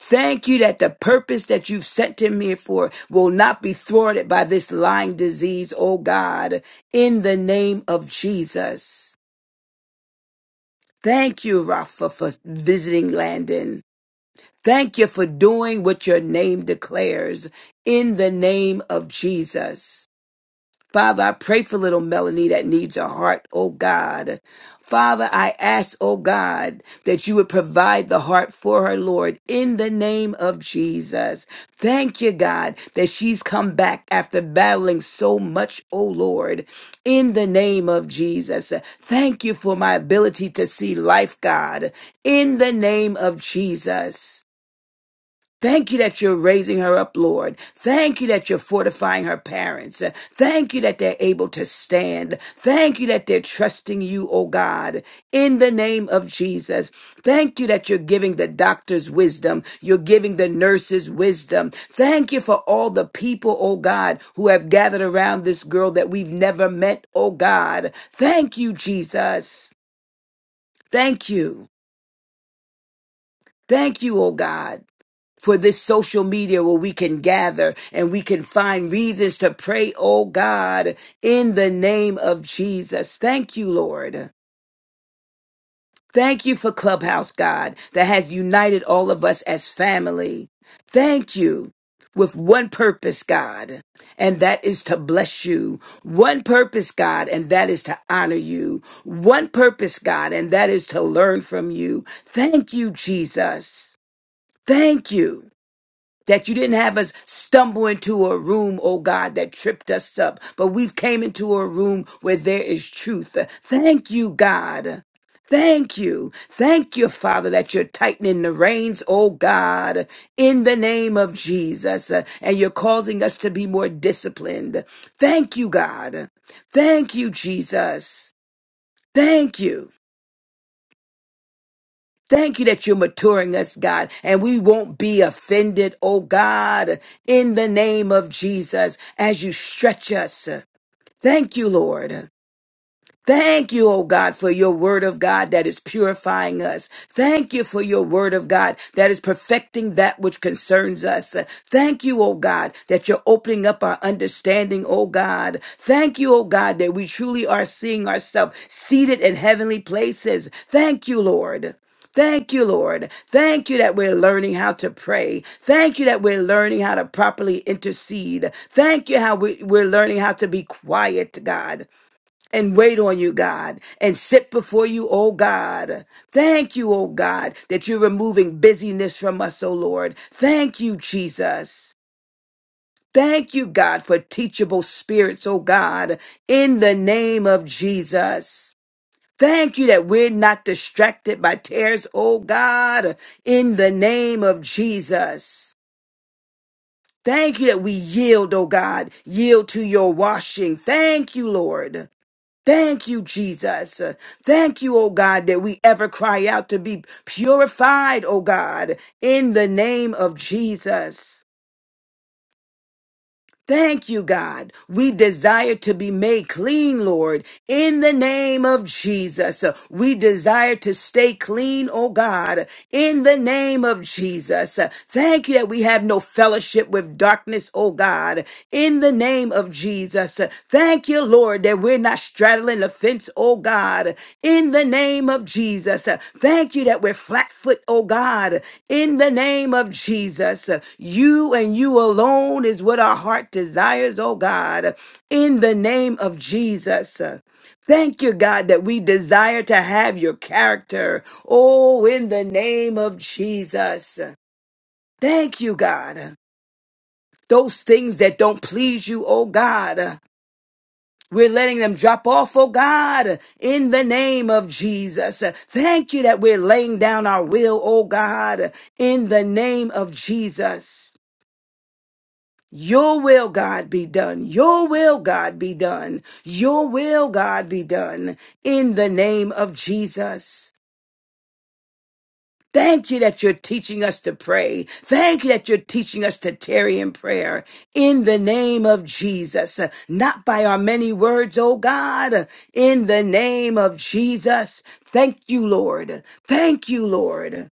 Thank you that the purpose that you've sent him here for will not be thwarted by this lying disease, oh God, in the name of Jesus. Thank you, Rafa, for visiting Landon. Thank you for doing what your name declares in the name of Jesus. Father, I pray for little Melanie that needs a heart, oh God. Father, I ask, oh God, that you would provide the heart for her, Lord, in the name of Jesus. Thank you, God, that she's come back after battling so much, oh Lord, in the name of Jesus. Thank you for my ability to see life, God, in the name of Jesus. Thank you that you're raising her up, Lord. Thank you that you're fortifying her parents. Uh, Thank you that they're able to stand. Thank you that they're trusting you, oh God, in the name of Jesus. Thank you that you're giving the doctors wisdom. You're giving the nurses wisdom. Thank you for all the people, oh God, who have gathered around this girl that we've never met, oh God. Thank you, Jesus. Thank you. Thank you, oh God. for this social media where we can gather and we can find reasons to pray, oh God, in the name of Jesus. Thank you, Lord. Thank you for Clubhouse, God, that has united all of us as family. Thank you with one purpose, God, and that is to bless you. One purpose, God, and that is to honor you. One purpose, God, and that is to learn from you. Thank you, Jesus. Thank you that you didn't have us stumble into a room, oh God, that tripped us up, but we've came into a room where there is truth. Thank you, God. Thank you. Thank you, Father, that you're tightening the reins, oh God, in the name of Jesus, uh, and you're causing us to be more disciplined. Thank you, God. Thank you, Jesus. Thank you. Thank you that you're maturing us, God, and we won't be offended, oh God, in the name of Jesus, as you stretch us. Thank you, Lord. Thank you, oh God, for your word of God that is purifying us. Thank you for your word of God that is perfecting that which concerns us. Thank you, oh God, that you're opening up our understanding, oh God. Thank you, oh God, that we truly are seeing ourselves seated in heavenly places. Thank you, Lord. Thank you, Lord. Thank you that we're learning how to pray. Thank you that we're learning how to properly intercede. Thank you how we, we're learning how to be quiet, God and wait on you, God, and sit before you, oh God. Thank you, oh God, that you're removing busyness from us, oh Lord. Thank you, Jesus. Thank you, God, for teachable spirits, oh God, in the name of Jesus. Thank you that we're not distracted by tears, oh God, in the name of Jesus. Thank you that we yield, oh God, yield to your washing. Thank you, Lord. Thank you, Jesus. Uh, Thank you, oh God, that we ever cry out to be purified, oh God, in the name of Jesus. Thank you, God. We desire to be made clean, Lord, in the name of Jesus. Uh, We desire to stay clean, oh God, in the name of Jesus. Uh, Thank you that we have no fellowship with darkness, oh God, in the name name of Jesus. Thank you, Lord, that we're not straddling the fence, oh God, in the name of Jesus. Thank you that we're flat foot, oh God, in the name of Jesus. You and you alone is what our heart desires, oh God, in the name of Jesus. Thank you, God, that we desire to have your character, oh, in the name of Jesus. Thank you, God. Those things that don't please you, oh God. We're letting them drop off, oh God, in the name of Jesus. Thank you that we're laying down our will, oh God, in the name of Jesus. Your will, God, be done. Your will, God, be done. Your will, God, be done in the name of Jesus. Thank you that you're teaching us to pray. Thank you that you're teaching us to tarry in prayer in the name of Jesus, not by our many words, oh God, in the name of Jesus. Thank you, Lord. Thank you, Lord.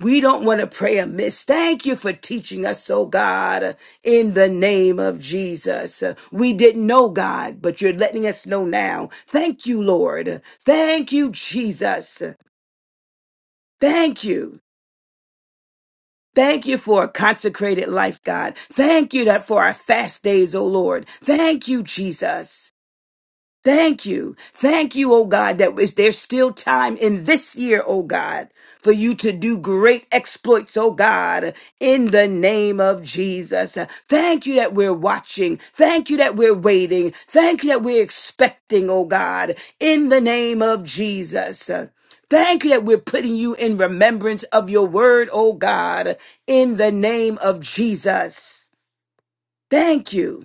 We don't want to pray amiss. Thank you for teaching us, oh God, in the name of Jesus. We didn't know God, but you're letting us know now. Thank you, Lord. Thank you, Jesus. Thank you. Thank you for a consecrated life, God. Thank you that for our fast days, O Lord. Thank you, Jesus. Thank you. Thank you, oh God, that is there's still time in this year, oh God, for you to do great exploits, oh God, in the name of Jesus. Thank you that we're watching. Thank you that we're waiting. Thank you that we're expecting, oh God, in the name of Jesus. Thank you that we're putting you in remembrance of your word, oh God, in the name of Jesus. Thank you.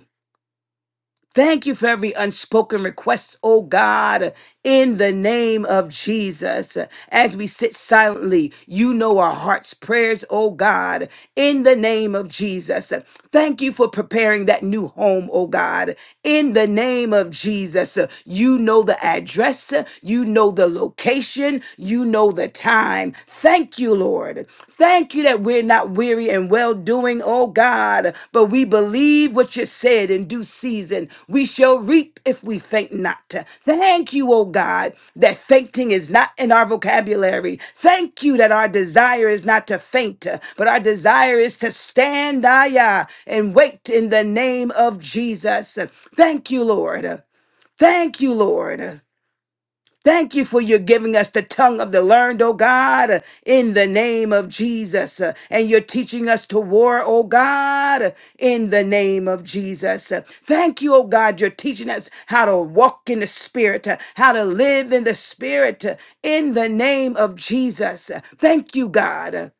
Thank you for every unspoken request, oh God, in the name of Jesus. As we sit silently, you know our hearts' prayers, oh God, in the name of Jesus. Thank you for preparing that new home, oh God, in the name of Jesus. You know the address, you know the location, you know the time. Thank you, Lord. Thank you that we're not weary and well doing, oh God, but we believe what you said in due season. We shall reap if we faint not. Thank you, oh God, that fainting is not in our vocabulary. Thank you that our desire is not to faint, but our desire is to stand ayah, and wait in the name of Jesus. Thank you, Lord. Thank you, Lord. Thank you for your giving us the tongue of the learned, oh God, in the name of Jesus. And you're teaching us to war, oh God, in the name of Jesus. Thank you, oh God, you're teaching us how to walk in the Spirit, how to live in the Spirit, in the name of Jesus. Thank you, God.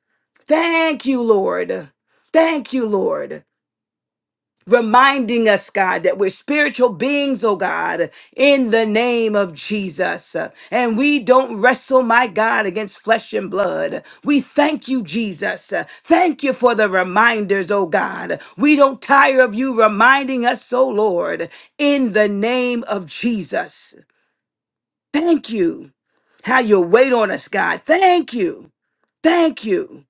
Thank you, Lord. Thank you, Lord reminding us, God, that we're spiritual beings, oh God, in the name of Jesus. And we don't wrestle, my God, against flesh and blood. We thank you, Jesus. Thank you for the reminders, oh God. We don't tire of you reminding us, oh Lord, in the name of Jesus. Thank you. How you wait on us, God. Thank you. Thank you.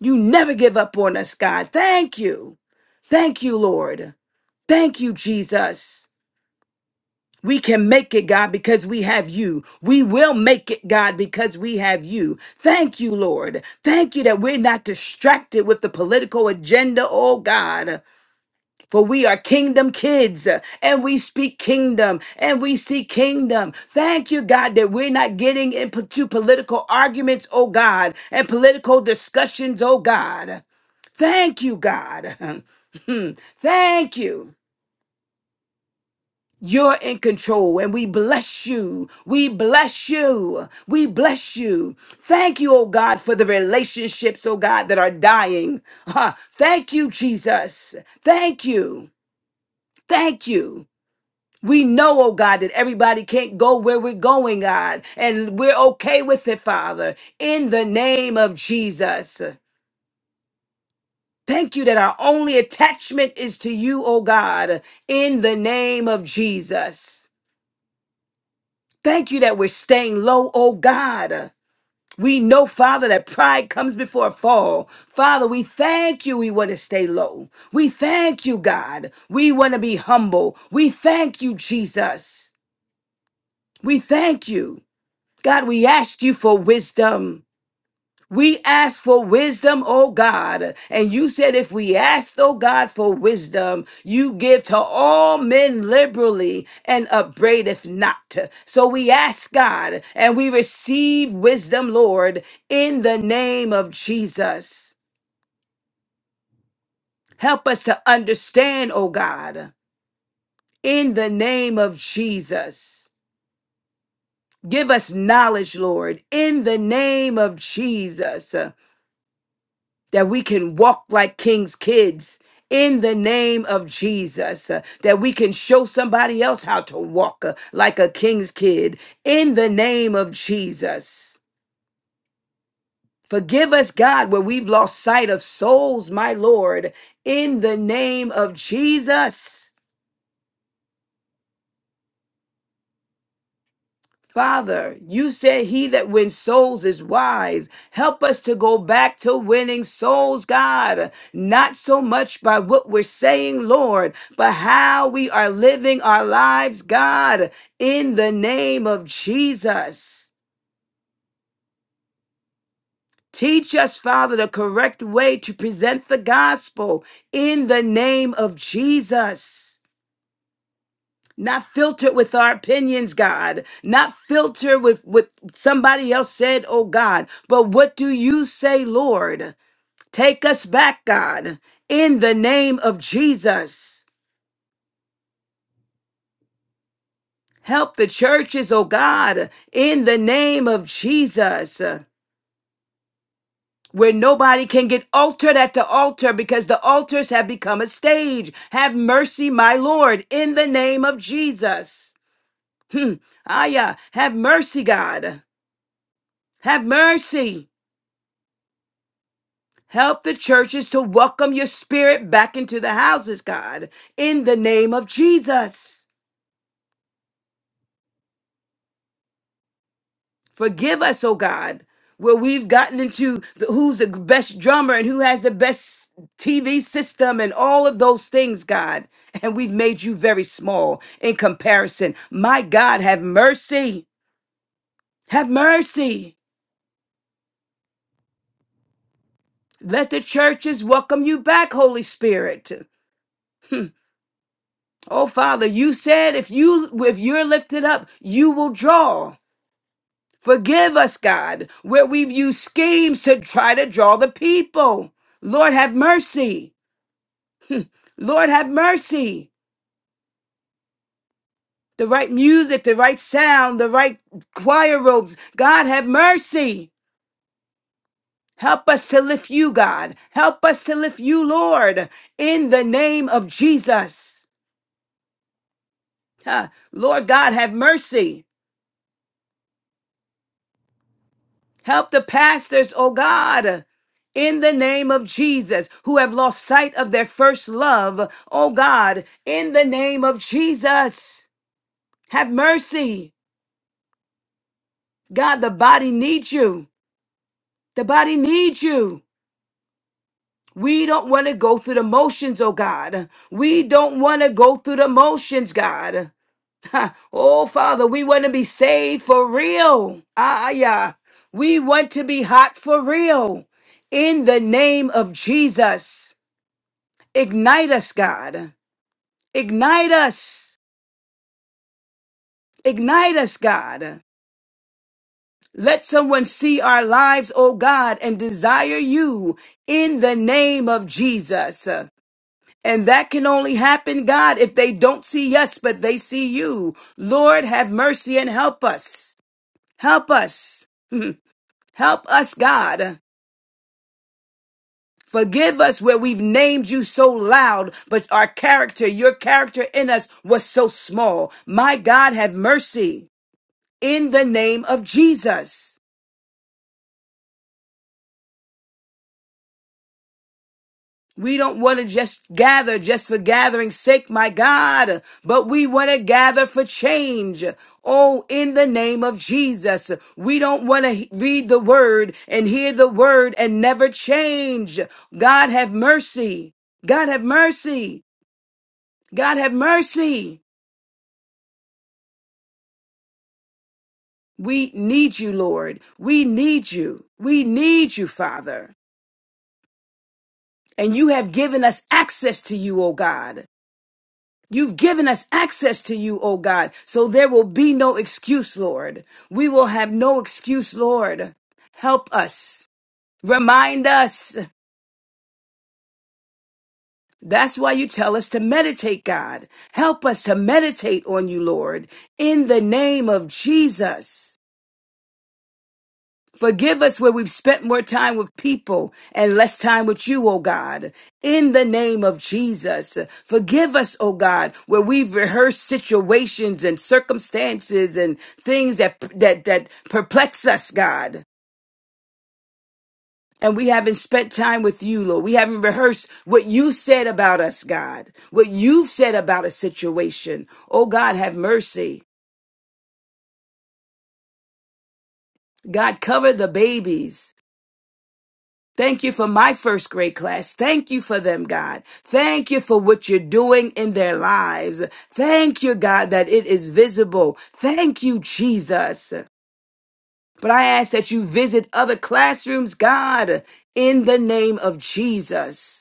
You never give up on us, God. Thank you. Thank you, Lord. Thank you, Jesus. We can make it, God, because we have you. We will make it, God, because we have you. Thank you, Lord. Thank you that we're not distracted with the political agenda, oh God. For we are kingdom kids uh, and we speak kingdom and we see kingdom. Thank you, God, that we're not getting into political arguments, oh God, and political discussions, oh God. Thank you, God. Thank you. You're in control, and we bless you. We bless you. We bless you. Thank you, oh God, for the relationships, oh God, that are dying. Ha. Thank you, Jesus. Thank you. Thank you. We know, oh God, that everybody can't go where we're going, God, and we're okay with it, Father, in the name of Jesus. Thank you that our only attachment is to you, oh God, in the name of Jesus. Thank you that we're staying low, oh God. We know, Father, that pride comes before a fall. Father, we thank you. We want to stay low. We thank you, God. We want to be humble. We thank you, Jesus. We thank you. God, we asked you for wisdom. We ask for wisdom, oh God. And you said, if we ask, oh God, for wisdom, you give to all men liberally and upbraideth not. So we ask God and we receive wisdom, Lord, in the name of Jesus. Help us to understand, oh God, in the name of Jesus. Give us knowledge, Lord, in the name of Jesus. that we can walk like king's kids in the name of Jesus, uh, that we can show somebody else how to walk uh, like a king's kid in the name of Jesus. Forgive us, God, where we've lost sight of souls, my Lord, in the name of Jesus. Father, you said he that wins souls is wise. Help us to go back to winning souls, God. Not so much by what we're saying, Lord, but how we are living our lives, God, in the name of Jesus. Teach us, Father, the correct way to present the gospel in the name of Jesus. not filtered with our opinions, God, not filtered with with somebody else said, oh God, but what do you say, Lord? Take us back, God, in the name of Jesus. Help the churches, oh God, in the name of Jesus, where nobody can get altered at the altar because the altars have become a stage. Have mercy, my Lord, in the name of Jesus. Hmm. Aya, have mercy, God. Have mercy. Help the churches to welcome your spirit back into the houses, God, in the name of Jesus. Forgive us, oh God, where we've gotten into the, who's the best drummer and who has the best TV system and all of those things, God. And we've made you very small in comparison. My God, have mercy. Have mercy. Let the churches welcome you back, Holy Spirit. Oh Father, you said if you if you're lifted up, you will draw. Forgive us, God, where we've used schemes to try to draw the people. Lord, have mercy. Lord, have mercy. The right music, the right sound, the right choir robes. God, have mercy. Help us to lift you, God. Help us to lift you, Lord, in the name of Jesus. Huh. Lord God, have mercy. Help the pastors, oh God, in the name of Jesus, who have lost sight of their first love, oh God, in the name of Jesus. Have mercy. God, the body needs you. The body needs you. We don't want to go through the motions, oh God. We don't want to go through the motions, God. Ha. oh, Father, we want to be saved for real. Ah, yeah. We want to be hot for real. In the name of Jesus, ignite us, God. Ignite us. Ignite us, God. Let someone see our lives, oh God, and desire you in the name of Jesus. And that can only happen, God, if they don't see us, but they see you. Lord, have mercy and help us. Help us. Help us, God. Forgive us where we've named you so loud, but our character, your character in us was so small. My God, have mercy in the name of Jesus. We don't want to just gather just for gathering's sake, my God, but we want to gather for change. Oh, in the name of Jesus. We don't want to read the word and hear the word and never change. God have mercy. God have mercy. God have mercy. We need you, Lord. We need you. We need you, Father. And you have given us access to you, O God. You've given us access to you, O God. So there will be no excuse, Lord. We will have no excuse, Lord. Help us. Remind us. That's why you tell us to meditate, God. Help us to meditate on you, Lord, in the name of Jesus. Forgive us where we've spent more time with people and less time with you, oh God. In the name of Jesus, forgive us, oh God, where we've rehearsed situations and circumstances and things that that that perplex us, God. And we haven't spent time with you, Lord. We haven't rehearsed what you said about us, God. What you've said about a situation. Oh God, have mercy. God, cover the babies. Thank you for my first grade class. Thank you for them, God. Thank you for what you're doing in their lives. Thank you, God, that it is visible. Thank you, Jesus. But I ask that you visit other classrooms, God, in the name of Jesus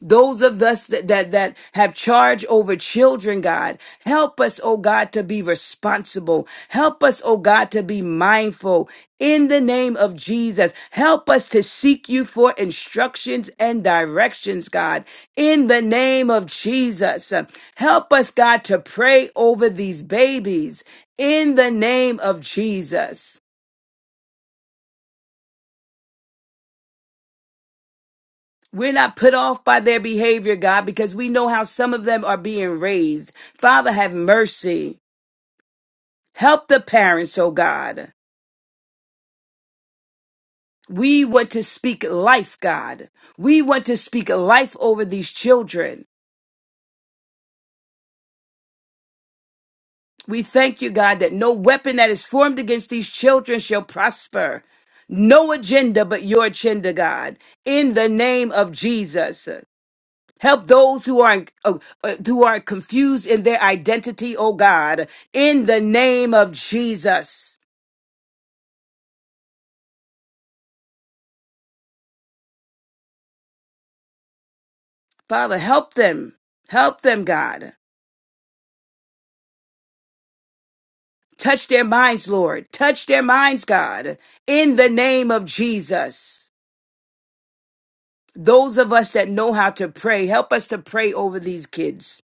those of us that, that that have charge over children god help us oh god to be responsible help us oh god to be mindful in the name of jesus help us to seek you for instructions and directions god in the name of jesus help us god to pray over these babies in the name of jesus we're not put off by their behavior, God, because we know how some of them are being raised. Father, have mercy. Help the parents, oh God. We want to speak life, God. We want to speak life over these children. We thank you, God, that no weapon that is formed against these children shall prosper. No agenda but your agenda, God. In the name of Jesus. Help those who are uh, uh, who are confused in their identity, oh God, in the name of Jesus. Father, help them. Help them, God. Touch their minds, Lord. Touch their minds, God, in the name of Jesus. Those of us that know how to pray, help us to pray over these kids.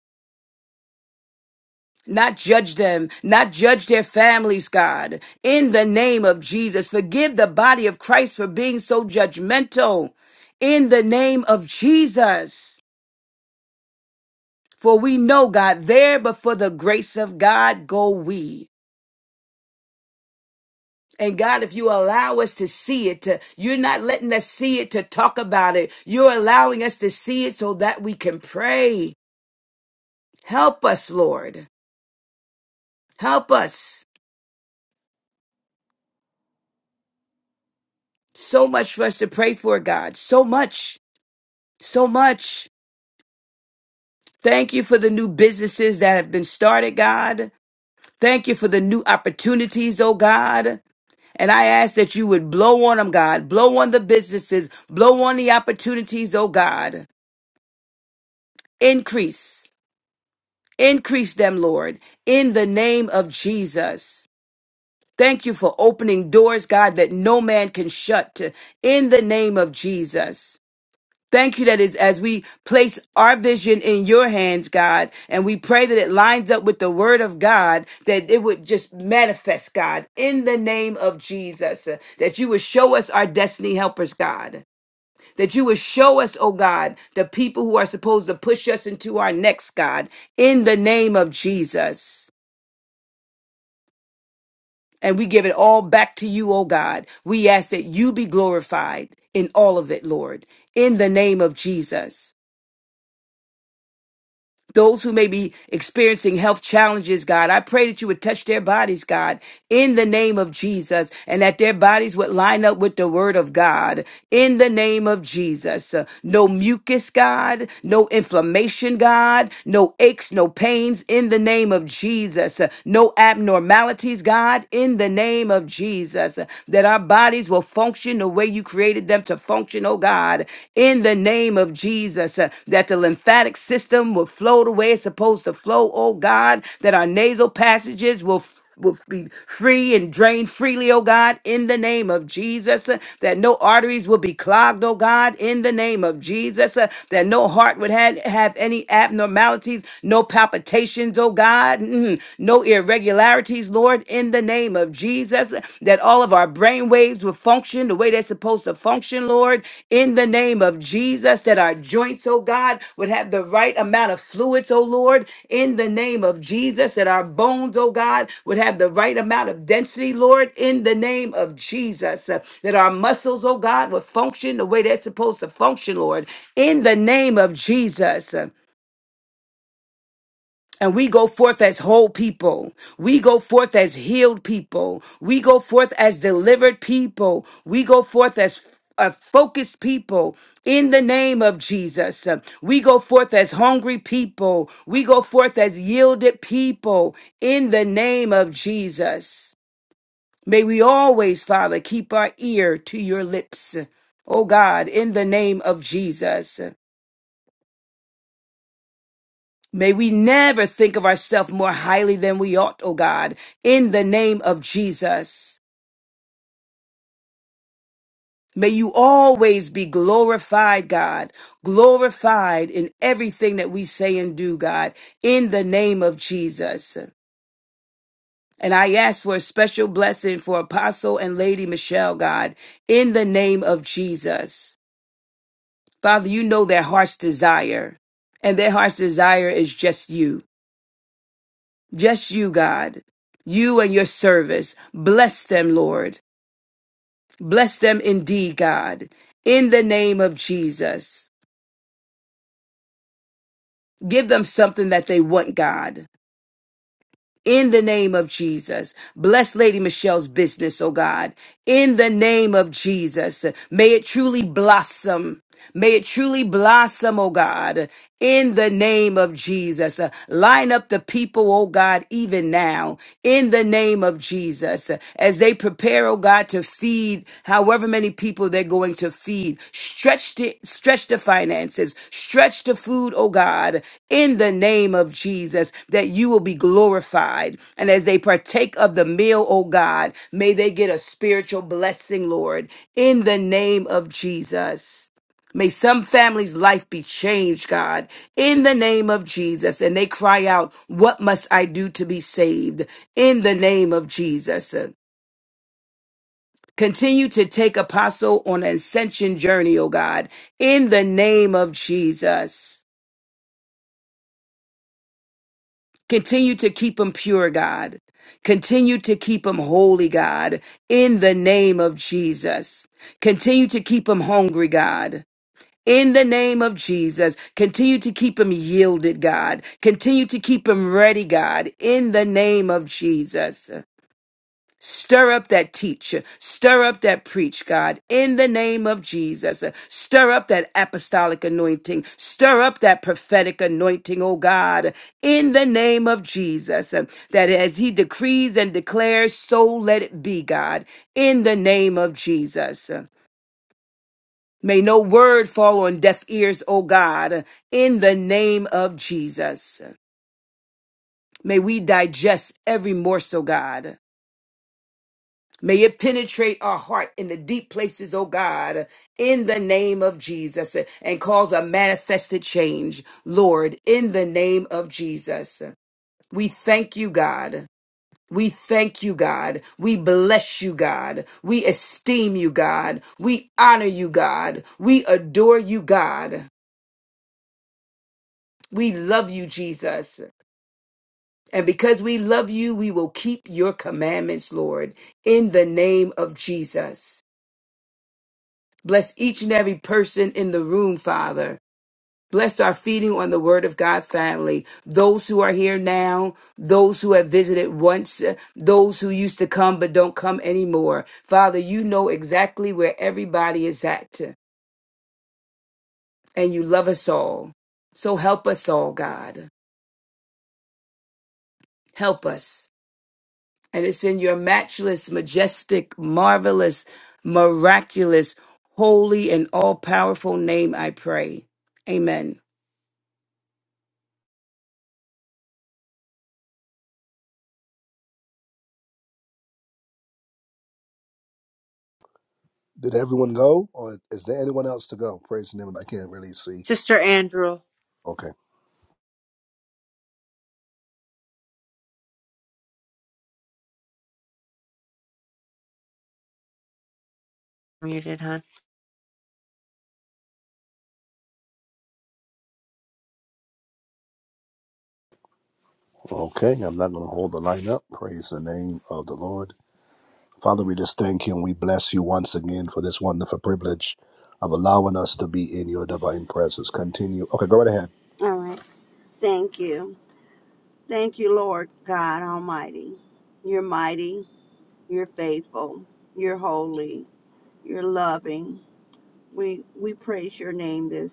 Not judge them, not judge their families, God. In the name of Jesus, forgive the body of Christ for being so judgmental. In the name of Jesus. For we know, God, there but for the grace of God go we. And God, if you allow us to see it, to, you're not letting us see it to talk about it. You're allowing us to see it so that we can pray. Help us, Lord. Help us. So much for us to pray for, God. So much. So much. Thank you for the new businesses that have been started, God. Thank you for the new opportunities, oh God. And I ask that you would blow on them, God. Blow on the businesses. Blow on the opportunities, oh God. Increase. Increase them, Lord, in the name of Jesus. Thank you for opening doors, God, that no man can shut in the name of Jesus. Thank you that is as we place our vision in your hands, God, and we pray that it lines up with the word of God, that it would just manifest, God, in the name of Jesus, uh, that you would show us our destiny helpers, God that you would show us, oh God, the people who are supposed to push us into our next, God, in the name of Jesus. And we give it all back to you, oh God. We ask that you be glorified in all of it, Lord, in the name of Jesus. those who may be experiencing health challenges, God, I pray that you would touch their bodies, God, in the name of Jesus, and that their bodies would line up with the word of God, in the name of Jesus. Uh, No mucus, God, no inflammation, God, no aches, no pains, in the name of Jesus. Uh, No abnormalities, God, in the name of Jesus. Uh, That our bodies will function the way you created them to time to function, oh God, in the name of Jesus, uh, that the lymphatic system will flow the way it's supposed to flow, oh God, that our nasal passages will will be free and drain freely, oh God, in the name of Jesus. uh, That no arteries will be clogged, oh God, in the name of Jesus. uh, That no heart would have, have any abnormalities, no palpitations, oh God, mhm, no irregularities, Lord. Lord, in the name of Jesus, that all of our brain waves will function the way they're supposed to function, Lord, in the name of Jesus, that our joints, oh God, would have the right amount of fluids, oh Lord, in the name of Jesus, that our bones, oh God, would have the right amount of density, Lord, in the name of Jesus, uh, that our muscles, oh God, would function the way they're supposed to function, Lord, in the name of Jesus. And we go forth as whole people. We go forth as healed people. We go forth as delivered people. We go forth as a focused people in the name of Jesus. Uh, We go forth as hungry people. We go forth as yielded people in the name of Jesus. May we always, Father, keep our ear to your lips. Oh God, in the name of Jesus. May we never think of ourselves more highly than we ought, O God, in the name of Jesus. May you always be glorified, God, glorified in everything that we say and do, God, in the name of Jesus. And I ask for a special blessing for Apostle and Lady Michelle, God, in the name of Jesus. Father, you know their heart's desire, and their heart's desire is just you. Just you, God. You and your service. Bless them, Lord. Bless them indeed, God. In the name of Jesus. Give them something that they want, God. In the name of Jesus. Bless Lady Michelle's business, oh God. In the name of Jesus. May it truly blossom. May it truly blossom, oh God, in the name of Jesus. Uh, Line up the people, oh God, even now, in the name of Jesus, uh, as they prepare, oh God. God, to feed however many people they're going to feed. Stretch the, stretch the finances, stretch the food, oh God, in the name of Jesus, that you will be glorified. And as they partake of the meal, oh God, may they get a spiritual blessing, Lord, in the name of Jesus. May some family's life be changed, God, in the name of Jesus. And they cry out, What must I do to be saved? In the name of Jesus. Continue to take Apostle on an ascension journey, oh God, in the name of Jesus. Continue to keep him pure, God. Continue to keep him holy, God, in the name of Jesus. Continue to keep him hungry, God. In the name of Jesus, continue to keep him yielded, God. Continue to keep him ready, God. In the name of Jesus. Stir up that teacher. Stir up that preach, God, in the name of Jesus. Stir up that apostolic anointing. Stir up that prophetic anointing, oh God, in the name of Jesus. That as he decrees and declares, so let it be, God, in the name of Jesus. May no word fall on deaf ears, O God, in the name of Jesus. May we digest every morsel, God. May it penetrate our heart in the deep places, oh God, in the name of Jesus, and cause a manifested change, Lord, in the name of Jesus. We thank you, God. We thank you, God. We bless you, God. We esteem you, God. We honor you, God. We adore you, God. We love you, Jesus. And because we love you, we will keep your commandments, Lord, in the name of Jesus. Bless each and every person in the room, Father. Bless our feeding on the Word of God family. Those who are here now, those who have visited once, uh, those who used to come but don't come anymore. Father, you know exactly where everybody is at, and you love us all. So help us all, God. Help us. And it's in your matchless, majestic, marvelous, miraculous, holy, and all powerful name I pray. Amen.
Sister Andrew, muted, hon.
All right. Thank you. Thank you, Lord God Almighty. You're mighty, you're faithful, you're holy, you're loving. We we praise your name this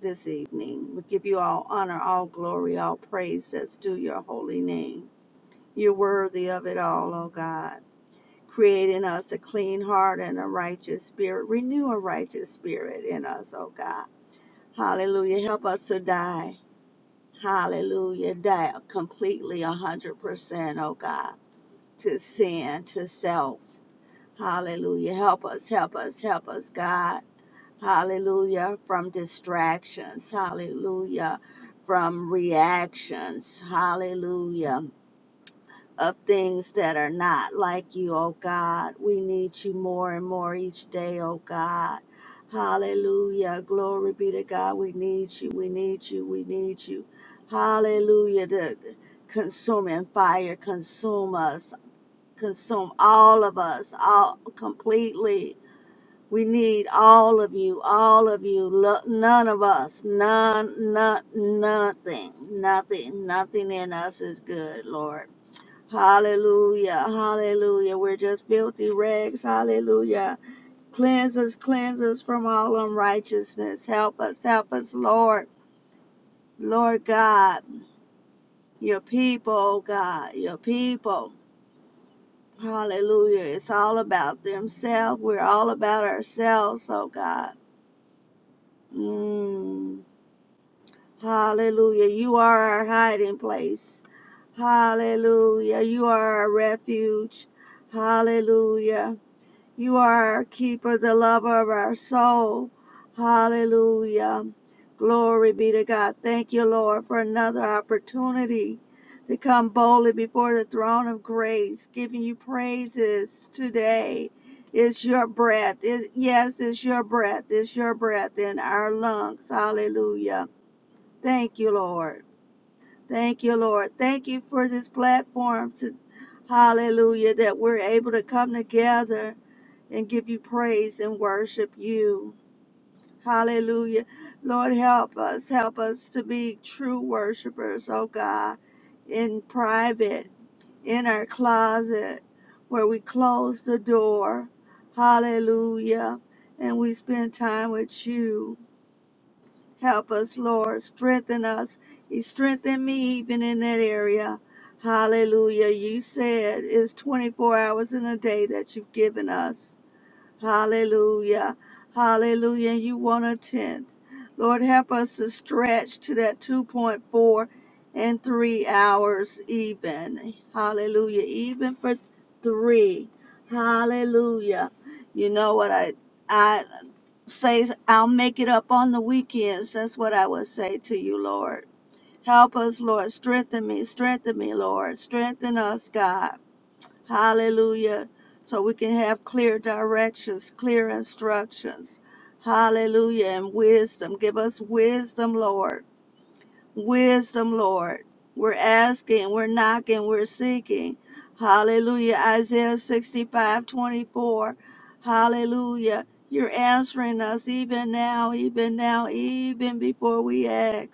this evening. We give you all honor, all glory, all praise that's due your holy name. You're worthy of it all, O God. Create in us a clean heart and a righteous spirit. Renew a righteous spirit in us, O God. Hallelujah. Help us to die. Hallelujah. Die completely 100%, oh God, to sin, to self. Hallelujah. Help us, help us, help us, God. Hallelujah. From distractions. Hallelujah. From reactions. Hallelujah of things that are not like you, oh God. We need you more and more each day, oh God. Hallelujah. Glory be to God. We need you. We need you. We need you. Hallelujah. The the consuming fire consume us, consume all of us, all completely. We need all of you, all of you. Lo- None of us, none, none, nothing, nothing, nothing in us is good, Lord. Hallelujah. Hallelujah. We're just filthy rags. Hallelujah. Cleanse us, cleanse us from all unrighteousness. Help us, help us, Lord. Lord God, your people, oh God, your people. Hallelujah. It's all about themselves. We're all about ourselves, oh God. Mm. Hallelujah. You are our hiding place. Hallelujah. You are our refuge. Hallelujah. You are our keeper, the lover of our soul. Hallelujah. Glory be to God. Thank you, Lord, for another opportunity to come boldly before the throne of grace, giving you praises today. It's your breath. It, yes, it's your breath. It's your breath in our lungs. Hallelujah. Thank you, Lord. Thank you, Lord. Thank you for this platform to hallelujah that we're able to come together and give you praise and worship you. Hallelujah. Lord, help us. Help us to be true worshipers, oh God, in private, in our closet, where we close the door. Hallelujah. And we spend time with you. Help us, Lord. Strengthen us. You strengthen me even in that area. Hallelujah. You said it's 24 hours in a day that you've given us. Hallelujah. Hallelujah. And you want a tenth. Lord, help us to stretch to that 2.4 and three hours even. Hallelujah. Even for three. Hallelujah. You know what I I say I'll make it up on the weekends. That's what I would say to you, Lord. Help us, Lord. Strengthen me. Strengthen me, Lord. Strengthen us, God. Hallelujah. So we can have clear directions, clear instructions. Hallelujah. And wisdom. Give us wisdom, Lord. Wisdom, Lord. We're asking, we're knocking, we're seeking. Hallelujah. Isaiah 65:24. Hallelujah. You're answering us even now, even now, even before we ask.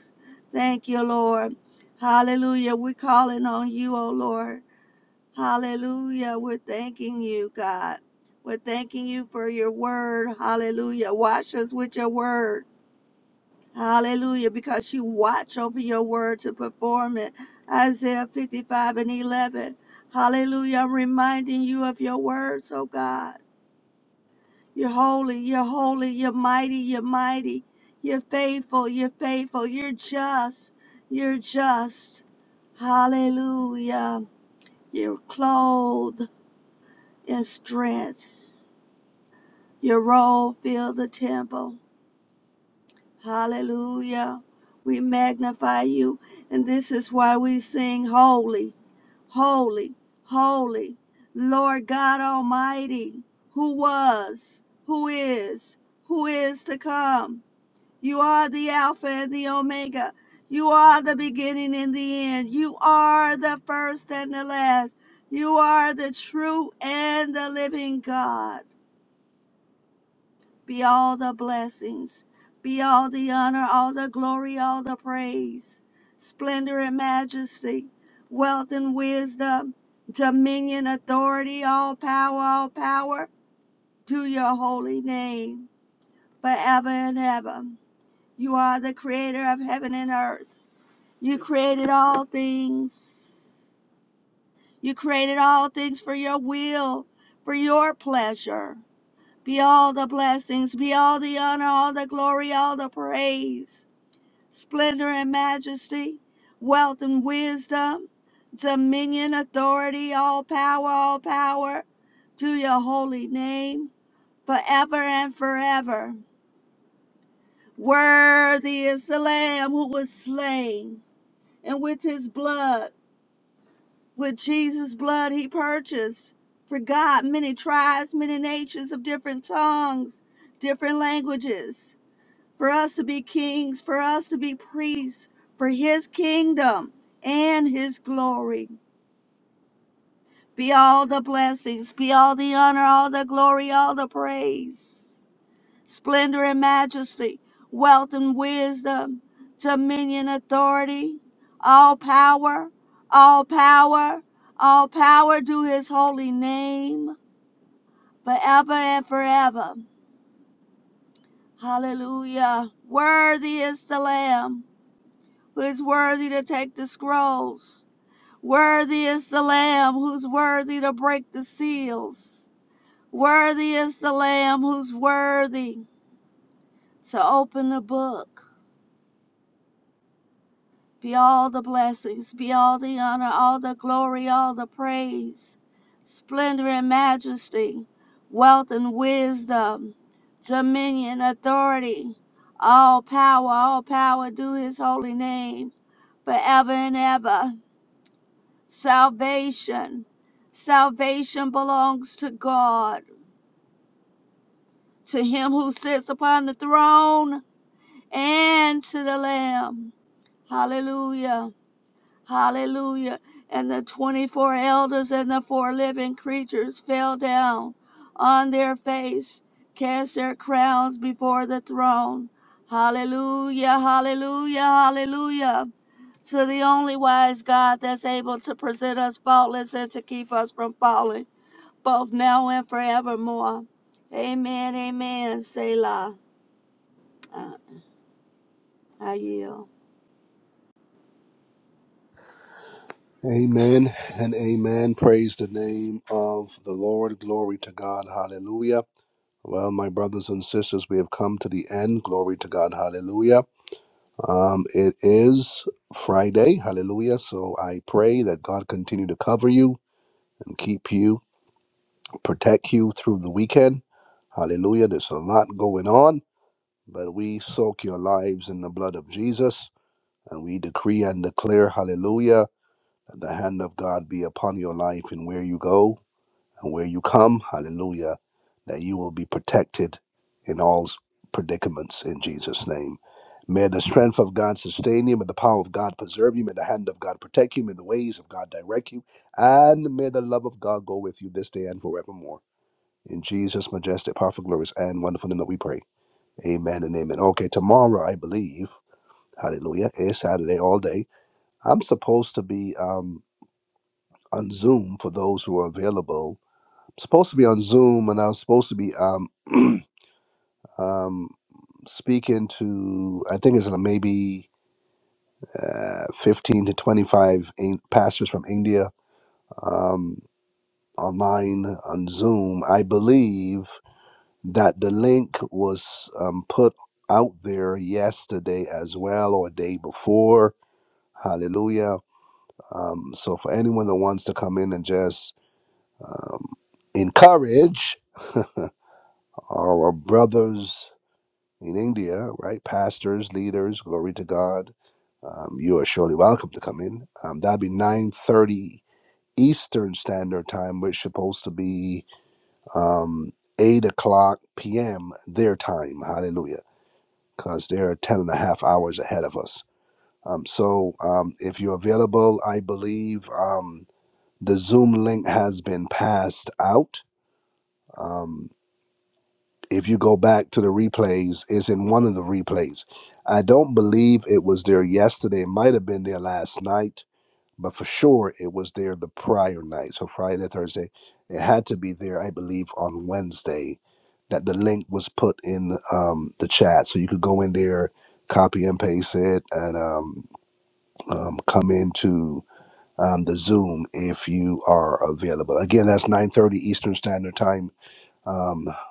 Thank you, Lord. Hallelujah. We're calling on you, O Lord. Hallelujah. We're thanking you, God. We're thanking you for your word. Hallelujah. Wash us with your word. Hallelujah. Because you watch over your word to perform it. Isaiah 55 and 11. Hallelujah. I'm reminding you of your words, oh God. You're holy. You're holy. You're mighty. You're mighty. You're faithful. You're faithful. You're just. You're just. Hallelujah. You're clothed in strength. Your roll fill the temple. Hallelujah. We magnify you. And this is why we sing holy, holy, holy. Lord God Almighty, who was, who is, who is to come. You are the Alpha and the Omega. You are the beginning and the end. You are the first and the last. You are the true and the living God. be all the blessings, be all the honor, all the glory, all the praise, splendor and majesty, wealth and wisdom, dominion, authority, all power, all power to your holy name forever and ever. You are the creator of heaven and earth. You created all things. You created all things for your will, for your pleasure. Be all the blessings, be all the honor, all the glory, all the praise, splendor and majesty, wealth and wisdom, dominion, authority, all power, all power to your holy name forever and forever. Worthy is the Lamb who was slain, and with his blood, with Jesus' blood, he purchased for God many tribes, many nations of different tongues, different languages. for us to be kings, for us to be priests, for his kingdom and his glory. Be all the blessings, be all the honor, all the glory, all the praise, splendor and majesty, wealth and wisdom, dominion, authority, all power, all power, all power to his holy name forever and forever. Hallelujah. Worthy is the Lamb. who is worthy to take the scrolls. Worthy is the Lamb who's worthy to break the seals. Worthy is the Lamb who's worthy to open the book. Be all the blessings, be all the honor, all the glory, all the praise, splendor and majesty, wealth and wisdom, dominion, authority, all power, all power, do his holy name forever and ever. Salvation. Salvation belongs to God, to him who sits upon the throne and to the Lamb. Hallelujah. Hallelujah. And the 24 elders and the four living creatures fell down on their face, cast their crowns before the throne. Hallelujah. Hallelujah. Hallelujah. To the only wise God that's able to present us faultless and to keep us from falling. both now and forevermore. Amen, amen, Selah. Uh, I yield.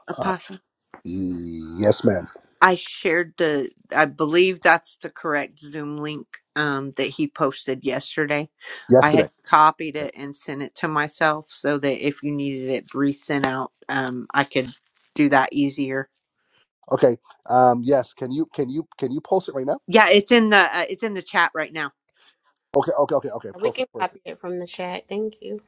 Apostle. I shared the, I believe that's the correct Zoom link um, that he posted yesterday. I had copied it and sent it to myself so that if you needed it resent out, um, I could do that easier. Yeah, it's in the uh, it's in the chat right now.
We can copy it from the chat. Thank you.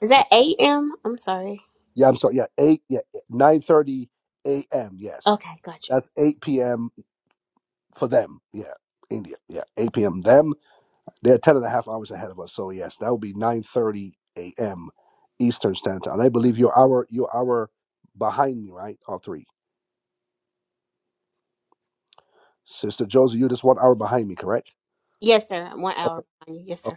Is that AM? I'm sorry. Okay, gotcha. Yes, sir. I'm one hour behind you. Yes, sir.